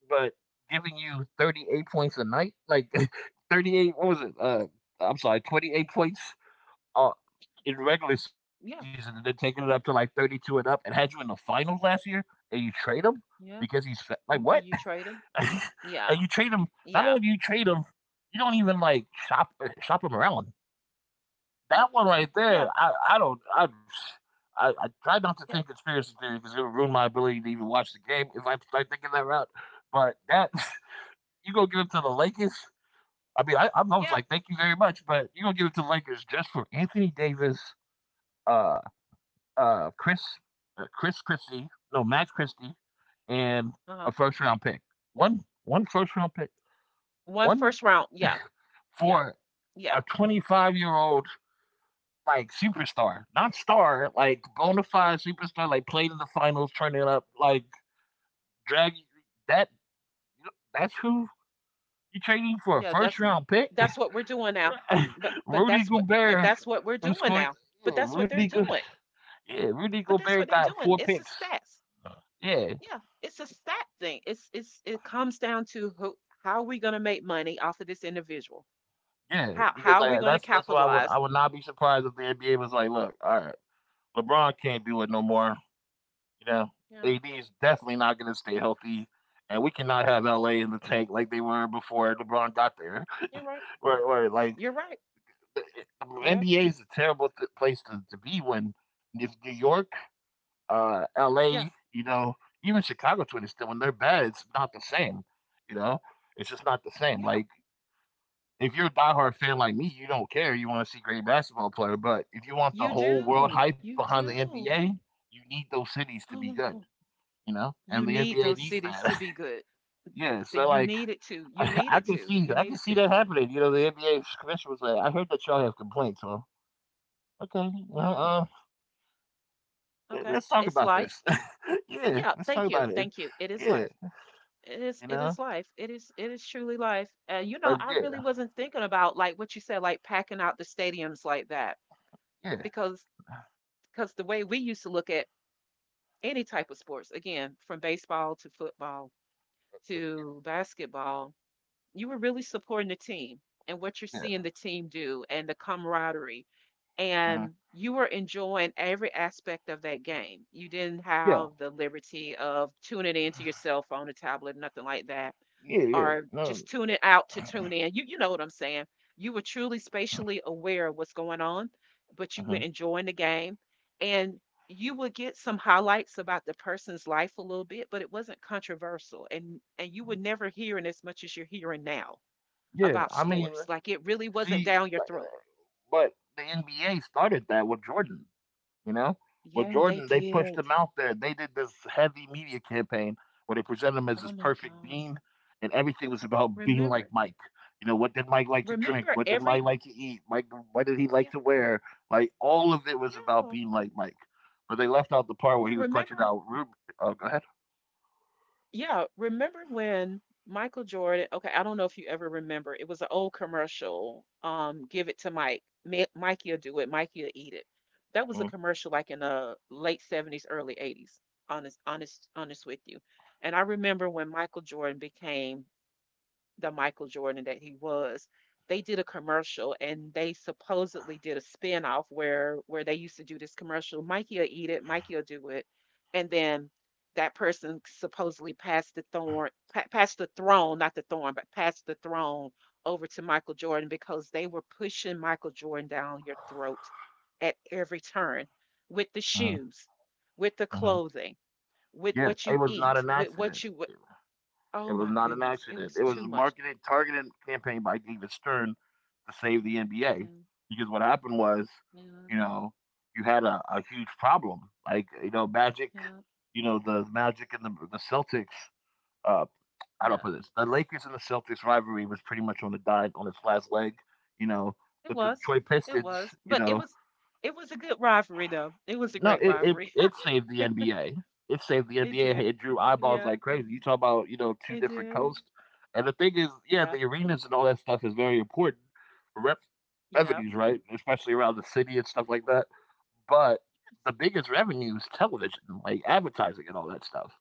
[SPEAKER 1] but giving you 38 points a night, like (laughs) 38, what
[SPEAKER 2] Yeah,
[SPEAKER 1] was it? I'm sorry, 28 points uh, in regular season and then
[SPEAKER 2] yeah,
[SPEAKER 1] taking it up to like 32 and up and had you in the finals last year and you trade him because he's
[SPEAKER 2] yeah.
[SPEAKER 1] fat. Like what?
[SPEAKER 2] And you
[SPEAKER 1] (laughs)
[SPEAKER 2] trade them.
[SPEAKER 1] And you
[SPEAKER 2] Yeah,
[SPEAKER 1] trade him, not only do you
[SPEAKER 2] yeah.
[SPEAKER 1] trade him, you don't even like shop shop him around.
[SPEAKER 2] Yeah,
[SPEAKER 1] That one right there,
[SPEAKER 2] yeah,
[SPEAKER 1] I don't I try not to think
[SPEAKER 2] yeah,
[SPEAKER 1] conspiracy theory because it would ruin my ability to even watch the game if I start thinking that route. But that (laughs) you gonna give it to the Lakers? I mean, I was
[SPEAKER 2] yeah.
[SPEAKER 1] like, thank you very much, but you gonna give it to the Lakers just for Anthony Davis, uh, uh, Chris, Chris Christie, no, Max Christie, and a
[SPEAKER 2] Uh-huh.
[SPEAKER 1] first round pick. One first round pick.
[SPEAKER 2] One
[SPEAKER 1] One
[SPEAKER 2] first round. Yeah, yeah,
[SPEAKER 1] for a
[SPEAKER 2] yeah,
[SPEAKER 1] 25-year-old like superstar, not star, like bona fide superstar, like played in the finals, turning up, like drag that. That's who you trading for a
[SPEAKER 2] yeah.
[SPEAKER 1] first round pick,
[SPEAKER 2] That's what we're doing now.
[SPEAKER 1] (laughs)
[SPEAKER 2] But
[SPEAKER 1] Rudy
[SPEAKER 2] that's what but
[SPEAKER 1] Gobert.
[SPEAKER 2] that's what we're
[SPEAKER 1] Was
[SPEAKER 2] doing
[SPEAKER 1] going,
[SPEAKER 2] now.
[SPEAKER 1] yeah,
[SPEAKER 2] But that's what they're doing.
[SPEAKER 1] Yeah, Rudy
[SPEAKER 2] But that's
[SPEAKER 1] Gobert
[SPEAKER 2] what they're
[SPEAKER 1] got
[SPEAKER 2] doing.
[SPEAKER 1] four
[SPEAKER 2] It's a
[SPEAKER 1] picks.
[SPEAKER 2] stats.
[SPEAKER 1] Yeah,
[SPEAKER 2] Yeah, it's a stat thing. It's it comes down to who how are we gonna make money off of this individual?
[SPEAKER 1] yeah, because
[SPEAKER 2] How are we
[SPEAKER 1] like
[SPEAKER 2] gonna
[SPEAKER 1] that's why I
[SPEAKER 2] capitalize?
[SPEAKER 1] would not be surprised if the NBA was like, "Look, all right, LeBron can't do it no more. You know,
[SPEAKER 2] Yeah,
[SPEAKER 1] AD is definitely not going to stay healthy, and we cannot have LA in the tank like they were before LeBron got there."
[SPEAKER 2] you're right.
[SPEAKER 1] Or like
[SPEAKER 2] You're right. Yep.
[SPEAKER 1] NBA is a terrible place to be when if New York,
[SPEAKER 2] Yeah.
[SPEAKER 1] LA, you know, even Chicago to it is still when they're bad, it's not the same. You know, it's just not the same.
[SPEAKER 2] Yeah.
[SPEAKER 1] Like if you're a diehard fan like me, you don't care. You want to see great basketball player, but if you want the
[SPEAKER 2] You
[SPEAKER 1] whole world
[SPEAKER 2] do.
[SPEAKER 1] hype
[SPEAKER 2] You
[SPEAKER 1] behind the
[SPEAKER 2] do.
[SPEAKER 1] NBA, you need those cities to
[SPEAKER 2] Oh
[SPEAKER 1] be
[SPEAKER 2] my
[SPEAKER 1] good.
[SPEAKER 2] God.
[SPEAKER 1] You know, and
[SPEAKER 2] You
[SPEAKER 1] the
[SPEAKER 2] need
[SPEAKER 1] NBA
[SPEAKER 2] those
[SPEAKER 1] needs
[SPEAKER 2] cities to
[SPEAKER 1] that.
[SPEAKER 2] be good.
[SPEAKER 1] Yeah,
[SPEAKER 2] That
[SPEAKER 1] so
[SPEAKER 2] you
[SPEAKER 1] like
[SPEAKER 2] need it to.
[SPEAKER 1] (laughs)
[SPEAKER 2] You need it to. You
[SPEAKER 1] I
[SPEAKER 2] need
[SPEAKER 1] can
[SPEAKER 2] it
[SPEAKER 1] see
[SPEAKER 2] to.
[SPEAKER 1] that happening. You know, the NBA commission was like, "I heard that y'all have complaints." Well, okay,
[SPEAKER 2] Yeah.
[SPEAKER 1] well, let-
[SPEAKER 2] Okay.
[SPEAKER 1] let's talk
[SPEAKER 2] It's
[SPEAKER 1] about
[SPEAKER 2] life.
[SPEAKER 1] this. (laughs) Yeah,
[SPEAKER 2] Yeah.
[SPEAKER 1] let's talk
[SPEAKER 2] Thank you.
[SPEAKER 1] about it.
[SPEAKER 2] Thank you. It is
[SPEAKER 1] Yeah,
[SPEAKER 2] life. It is.
[SPEAKER 1] you
[SPEAKER 2] It is
[SPEAKER 1] know,
[SPEAKER 2] life. It is. It is truly life. And you know,
[SPEAKER 1] but
[SPEAKER 2] I really
[SPEAKER 1] yeah,
[SPEAKER 2] wasn't thinking about like what you said, like packing out the stadiums like that,
[SPEAKER 1] yeah,
[SPEAKER 2] because because the way we used to look at any type of sports, again, from baseball to football
[SPEAKER 1] yeah,
[SPEAKER 2] to basketball, you were really supporting the team and what you're
[SPEAKER 1] yeah,
[SPEAKER 2] seeing the team do and the camaraderie.
[SPEAKER 1] uh
[SPEAKER 2] And you were enjoying every aspect of that game. You didn't
[SPEAKER 1] yeah,
[SPEAKER 2] have the liberty of tuning into your cell phone or tablet, nothing like that
[SPEAKER 1] yeah, yeah.
[SPEAKER 2] or
[SPEAKER 1] No,
[SPEAKER 2] just tuning out to tune in. You know what I'm saying. You were truly spatially aware of what's going on, but you were
[SPEAKER 1] uh
[SPEAKER 2] enjoying the game and you would get some highlights about the person's life a little bit, but it wasn't controversial and you would never hear in as much as you're hearing now
[SPEAKER 1] yeah.
[SPEAKER 2] about
[SPEAKER 1] I mean,
[SPEAKER 2] sports. Like it really wasn't
[SPEAKER 1] See,
[SPEAKER 2] down your throat.
[SPEAKER 1] but the NBA started that with Jordan. You know, with
[SPEAKER 2] Yeah,
[SPEAKER 1] Jordan,
[SPEAKER 2] they
[SPEAKER 1] they pushed him
[SPEAKER 2] did.
[SPEAKER 1] out there. They did this heavy media campaign where they presented him as this
[SPEAKER 2] Oh my
[SPEAKER 1] perfect
[SPEAKER 2] God.
[SPEAKER 1] bean, and everything was about being like
[SPEAKER 2] Remember
[SPEAKER 1] Mike. You know, what did Mike like to drink?
[SPEAKER 2] remember
[SPEAKER 1] What did
[SPEAKER 2] every
[SPEAKER 1] Mike like to eat? Mike, what did he like
[SPEAKER 2] yeah,
[SPEAKER 1] to wear? Like all of it was about
[SPEAKER 2] yeah.
[SPEAKER 1] being like Mike. But they left out the
[SPEAKER 2] Yeah,
[SPEAKER 1] part where he was
[SPEAKER 2] remember
[SPEAKER 1] clutching out. Oh, go ahead.
[SPEAKER 2] Yeah, remember when Michael Jordan, okay, I don't know if you ever remember, it was an old commercial, Give It to Mike. Mikey'll do it, Mikey'll eat it. That was a
[SPEAKER 1] Mm-hmm,
[SPEAKER 2] commercial like in the late 70s, early 80s, honest, honest, honest with you. And I remember when Michael Jordan became the Michael Jordan that he was, they did a commercial and they supposedly did a spinoff where they used to do this commercial, Mikey'll eat it, Mikey'll do it. And then that person supposedly passed the passed the throne, not the thorn, but passed the throne over to Michael Jordan because they were pushing Michael Jordan down your throat at every turn with the shoes, with the
[SPEAKER 1] hmm.
[SPEAKER 2] clothing, with
[SPEAKER 1] Yeah,
[SPEAKER 2] what
[SPEAKER 1] it
[SPEAKER 2] you
[SPEAKER 1] was not
[SPEAKER 2] eat,
[SPEAKER 1] an
[SPEAKER 2] with
[SPEAKER 1] accident.
[SPEAKER 2] what you
[SPEAKER 1] It
[SPEAKER 2] oh
[SPEAKER 1] was
[SPEAKER 2] my
[SPEAKER 1] not an
[SPEAKER 2] goodness, it
[SPEAKER 1] accident.
[SPEAKER 2] was
[SPEAKER 1] It was
[SPEAKER 2] too
[SPEAKER 1] a
[SPEAKER 2] much.
[SPEAKER 1] marketed, targeted campaign by David Stern to save the NBA
[SPEAKER 2] Yeah.
[SPEAKER 1] because what happened was,
[SPEAKER 2] Yeah,
[SPEAKER 1] you know, you had a huge problem. Like, you know, Magic,
[SPEAKER 2] yeah,
[SPEAKER 1] you know, the Magic and the Celtics, uh, how do I
[SPEAKER 2] yeah.
[SPEAKER 1] put this? The Lakers and the Celtics rivalry was pretty much on the die on its last leg, you know.
[SPEAKER 2] It
[SPEAKER 1] But the
[SPEAKER 2] was.
[SPEAKER 1] Detroit
[SPEAKER 2] It
[SPEAKER 1] Pistons,
[SPEAKER 2] was.
[SPEAKER 1] you know,
[SPEAKER 2] It was a good rivalry though. It was a
[SPEAKER 1] no,
[SPEAKER 2] great
[SPEAKER 1] it, it
[SPEAKER 2] rivalry. (laughs)
[SPEAKER 1] it saved the NBA. It saved the
[SPEAKER 2] It
[SPEAKER 1] NBA.
[SPEAKER 2] did.
[SPEAKER 1] It drew eyeballs
[SPEAKER 2] Yeah,
[SPEAKER 1] like crazy. You talk about you know two
[SPEAKER 2] it
[SPEAKER 1] different
[SPEAKER 2] did.
[SPEAKER 1] coasts, and the thing is, yeah,
[SPEAKER 2] Yeah.
[SPEAKER 1] the arenas and all that stuff is very important for
[SPEAKER 2] Yeah.
[SPEAKER 1] revenues, right? Especially around the city and stuff like that. But
[SPEAKER 2] Yes,
[SPEAKER 1] the biggest revenue is television, like advertising and all that stuff.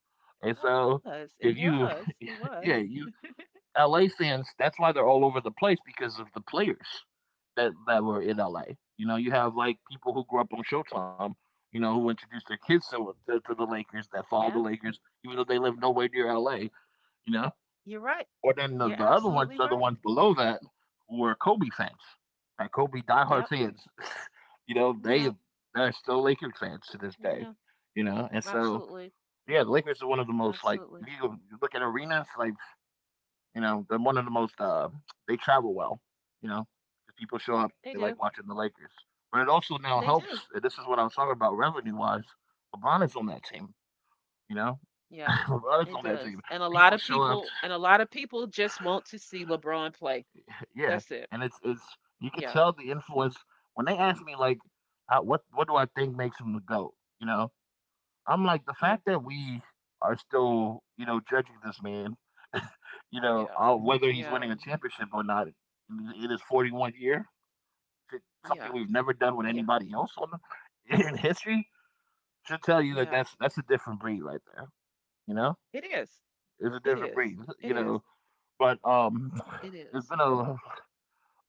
[SPEAKER 1] And
[SPEAKER 2] it
[SPEAKER 1] so
[SPEAKER 2] was. It
[SPEAKER 1] if you,
[SPEAKER 2] was. It
[SPEAKER 1] (laughs)
[SPEAKER 2] was.
[SPEAKER 1] yeah, you
[SPEAKER 2] (laughs)
[SPEAKER 1] LA fans, that's why they're all over the place because of the players that were in
[SPEAKER 2] Y-
[SPEAKER 1] LA. You know, you have like people who grew up on Showtime, you know, who introduced their kids
[SPEAKER 2] Yeah.
[SPEAKER 1] to the Lakers that follow the
[SPEAKER 2] Yeah.
[SPEAKER 1] Lakers, even though they live nowhere near LA. You know,
[SPEAKER 2] You're right.
[SPEAKER 1] or then
[SPEAKER 2] You're
[SPEAKER 1] the other ones
[SPEAKER 2] absolutely
[SPEAKER 1] are the
[SPEAKER 2] right.
[SPEAKER 1] ones below that who are Kobe fans, like Kobe diehard
[SPEAKER 2] Yep.
[SPEAKER 1] fans. (laughs) You know, they
[SPEAKER 2] Yep.
[SPEAKER 1] they're still Lakers fans to this day.
[SPEAKER 2] Yeah.
[SPEAKER 1] You know, and so
[SPEAKER 2] Absolutely.
[SPEAKER 1] yeah, the Lakers are one of the most like if
[SPEAKER 2] Absolutely.
[SPEAKER 1] you look at arenas, like you know, they're one of the most they travel well. You know, 'cause people show up,
[SPEAKER 2] They
[SPEAKER 1] they
[SPEAKER 2] do.
[SPEAKER 1] like watching the Lakers. But it also now
[SPEAKER 2] They do.
[SPEAKER 1] helps. And this is what I was talking about revenue wise. LeBron is on that team. You know, (laughs)
[SPEAKER 2] Yeah.
[SPEAKER 1] LeBron is
[SPEAKER 2] It
[SPEAKER 1] on that team.
[SPEAKER 2] does. And a lot
[SPEAKER 1] People
[SPEAKER 2] of
[SPEAKER 1] show up. To,
[SPEAKER 2] people and a lot of people just want to see LeBron play.
[SPEAKER 1] Yeah,
[SPEAKER 2] That's it.
[SPEAKER 1] and it's you could
[SPEAKER 2] Yeah.
[SPEAKER 1] tell the influence when they ask me like, how, what do I think makes him the goat? You know, I'm like the
[SPEAKER 2] Yeah.
[SPEAKER 1] fact that we are still you know judging this man. You know,
[SPEAKER 2] Yeah.
[SPEAKER 1] whether he's
[SPEAKER 2] Yeah.
[SPEAKER 1] winning a championship or not in his 41 year.
[SPEAKER 2] Yeah.
[SPEAKER 1] Something we've never done with
[SPEAKER 2] Yeah.
[SPEAKER 1] anybody else on in history should tell you that
[SPEAKER 2] Yeah.
[SPEAKER 1] that's a different breed right there. You know,
[SPEAKER 2] It is.
[SPEAKER 1] it's a
[SPEAKER 2] It
[SPEAKER 1] different breed.
[SPEAKER 2] is. It
[SPEAKER 1] You
[SPEAKER 2] is.
[SPEAKER 1] know, but
[SPEAKER 2] It
[SPEAKER 1] it's
[SPEAKER 2] is.
[SPEAKER 1] been a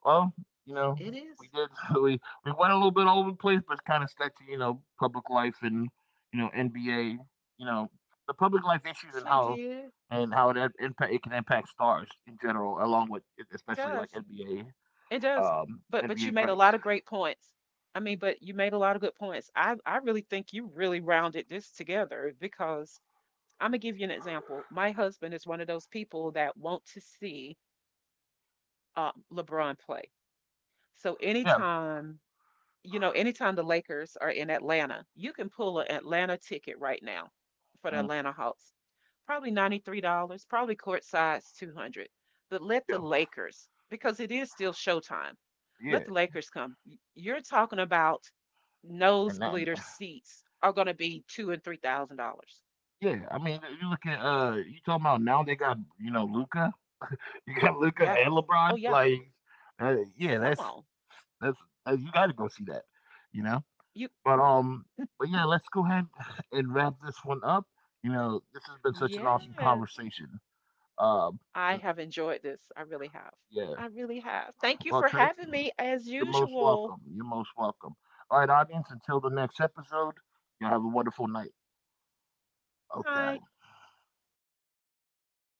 [SPEAKER 1] well, you know,
[SPEAKER 2] It
[SPEAKER 1] we
[SPEAKER 2] is.
[SPEAKER 1] did (laughs) we we went a little bit all over the place, but it's kind of stuck to you know public life and you know NBA, you know, the public life issues
[SPEAKER 2] Yes,
[SPEAKER 1] and
[SPEAKER 2] we
[SPEAKER 1] how
[SPEAKER 2] did. It
[SPEAKER 1] it impact it can impact stars in general, along with especially like
[SPEAKER 2] does.
[SPEAKER 1] NBA
[SPEAKER 2] It does.
[SPEAKER 1] um
[SPEAKER 2] But
[SPEAKER 1] NBA
[SPEAKER 2] you made a
[SPEAKER 1] greats.
[SPEAKER 2] lot of great points. I mean, but you made a lot of good points. I really think you really rounded this together because I'm gonna give you an example. My husband is one of those people that want to see uh, LeBron play. So
[SPEAKER 1] Yeah,
[SPEAKER 2] anytime you know, anytime the Lakers are in Atlanta, you can pull an Atlanta ticket right now for the
[SPEAKER 1] uh,
[SPEAKER 2] Atlanta Hawks. Probably $93, probably court size 200. But let the
[SPEAKER 1] yeah,
[SPEAKER 2] Lakers, because it is still showtime, let
[SPEAKER 1] yeah.
[SPEAKER 2] the Lakers come. You're talking about
[SPEAKER 1] And that,
[SPEAKER 2] nosebleeder seats are going to be two and three thousand dollars.
[SPEAKER 1] yeah, I mean, you look at you talking about now they got you know Luca, (laughs) you got Luca
[SPEAKER 2] Yeah.
[SPEAKER 1] and
[SPEAKER 2] Oh
[SPEAKER 1] LeBron.
[SPEAKER 2] yeah.
[SPEAKER 1] Like, yeah,
[SPEAKER 2] Come on.
[SPEAKER 1] that's you got to go see that, you know.
[SPEAKER 2] You.
[SPEAKER 1] But um, but yeah, let's go ahead (sighs) and wrap this one up. You know, this has been such an
[SPEAKER 2] Yeah.
[SPEAKER 1] awesome conversation. Um,
[SPEAKER 2] I have enjoyed this. I really have.
[SPEAKER 1] yeah.
[SPEAKER 2] I really have. Thank you
[SPEAKER 1] Well,
[SPEAKER 2] for
[SPEAKER 1] Trey,
[SPEAKER 2] having me as
[SPEAKER 1] you're most
[SPEAKER 2] usual.
[SPEAKER 1] welcome. You're most welcome. All right, audience. Until the next episode, you all have a wonderful night. Okay.
[SPEAKER 2] Bye.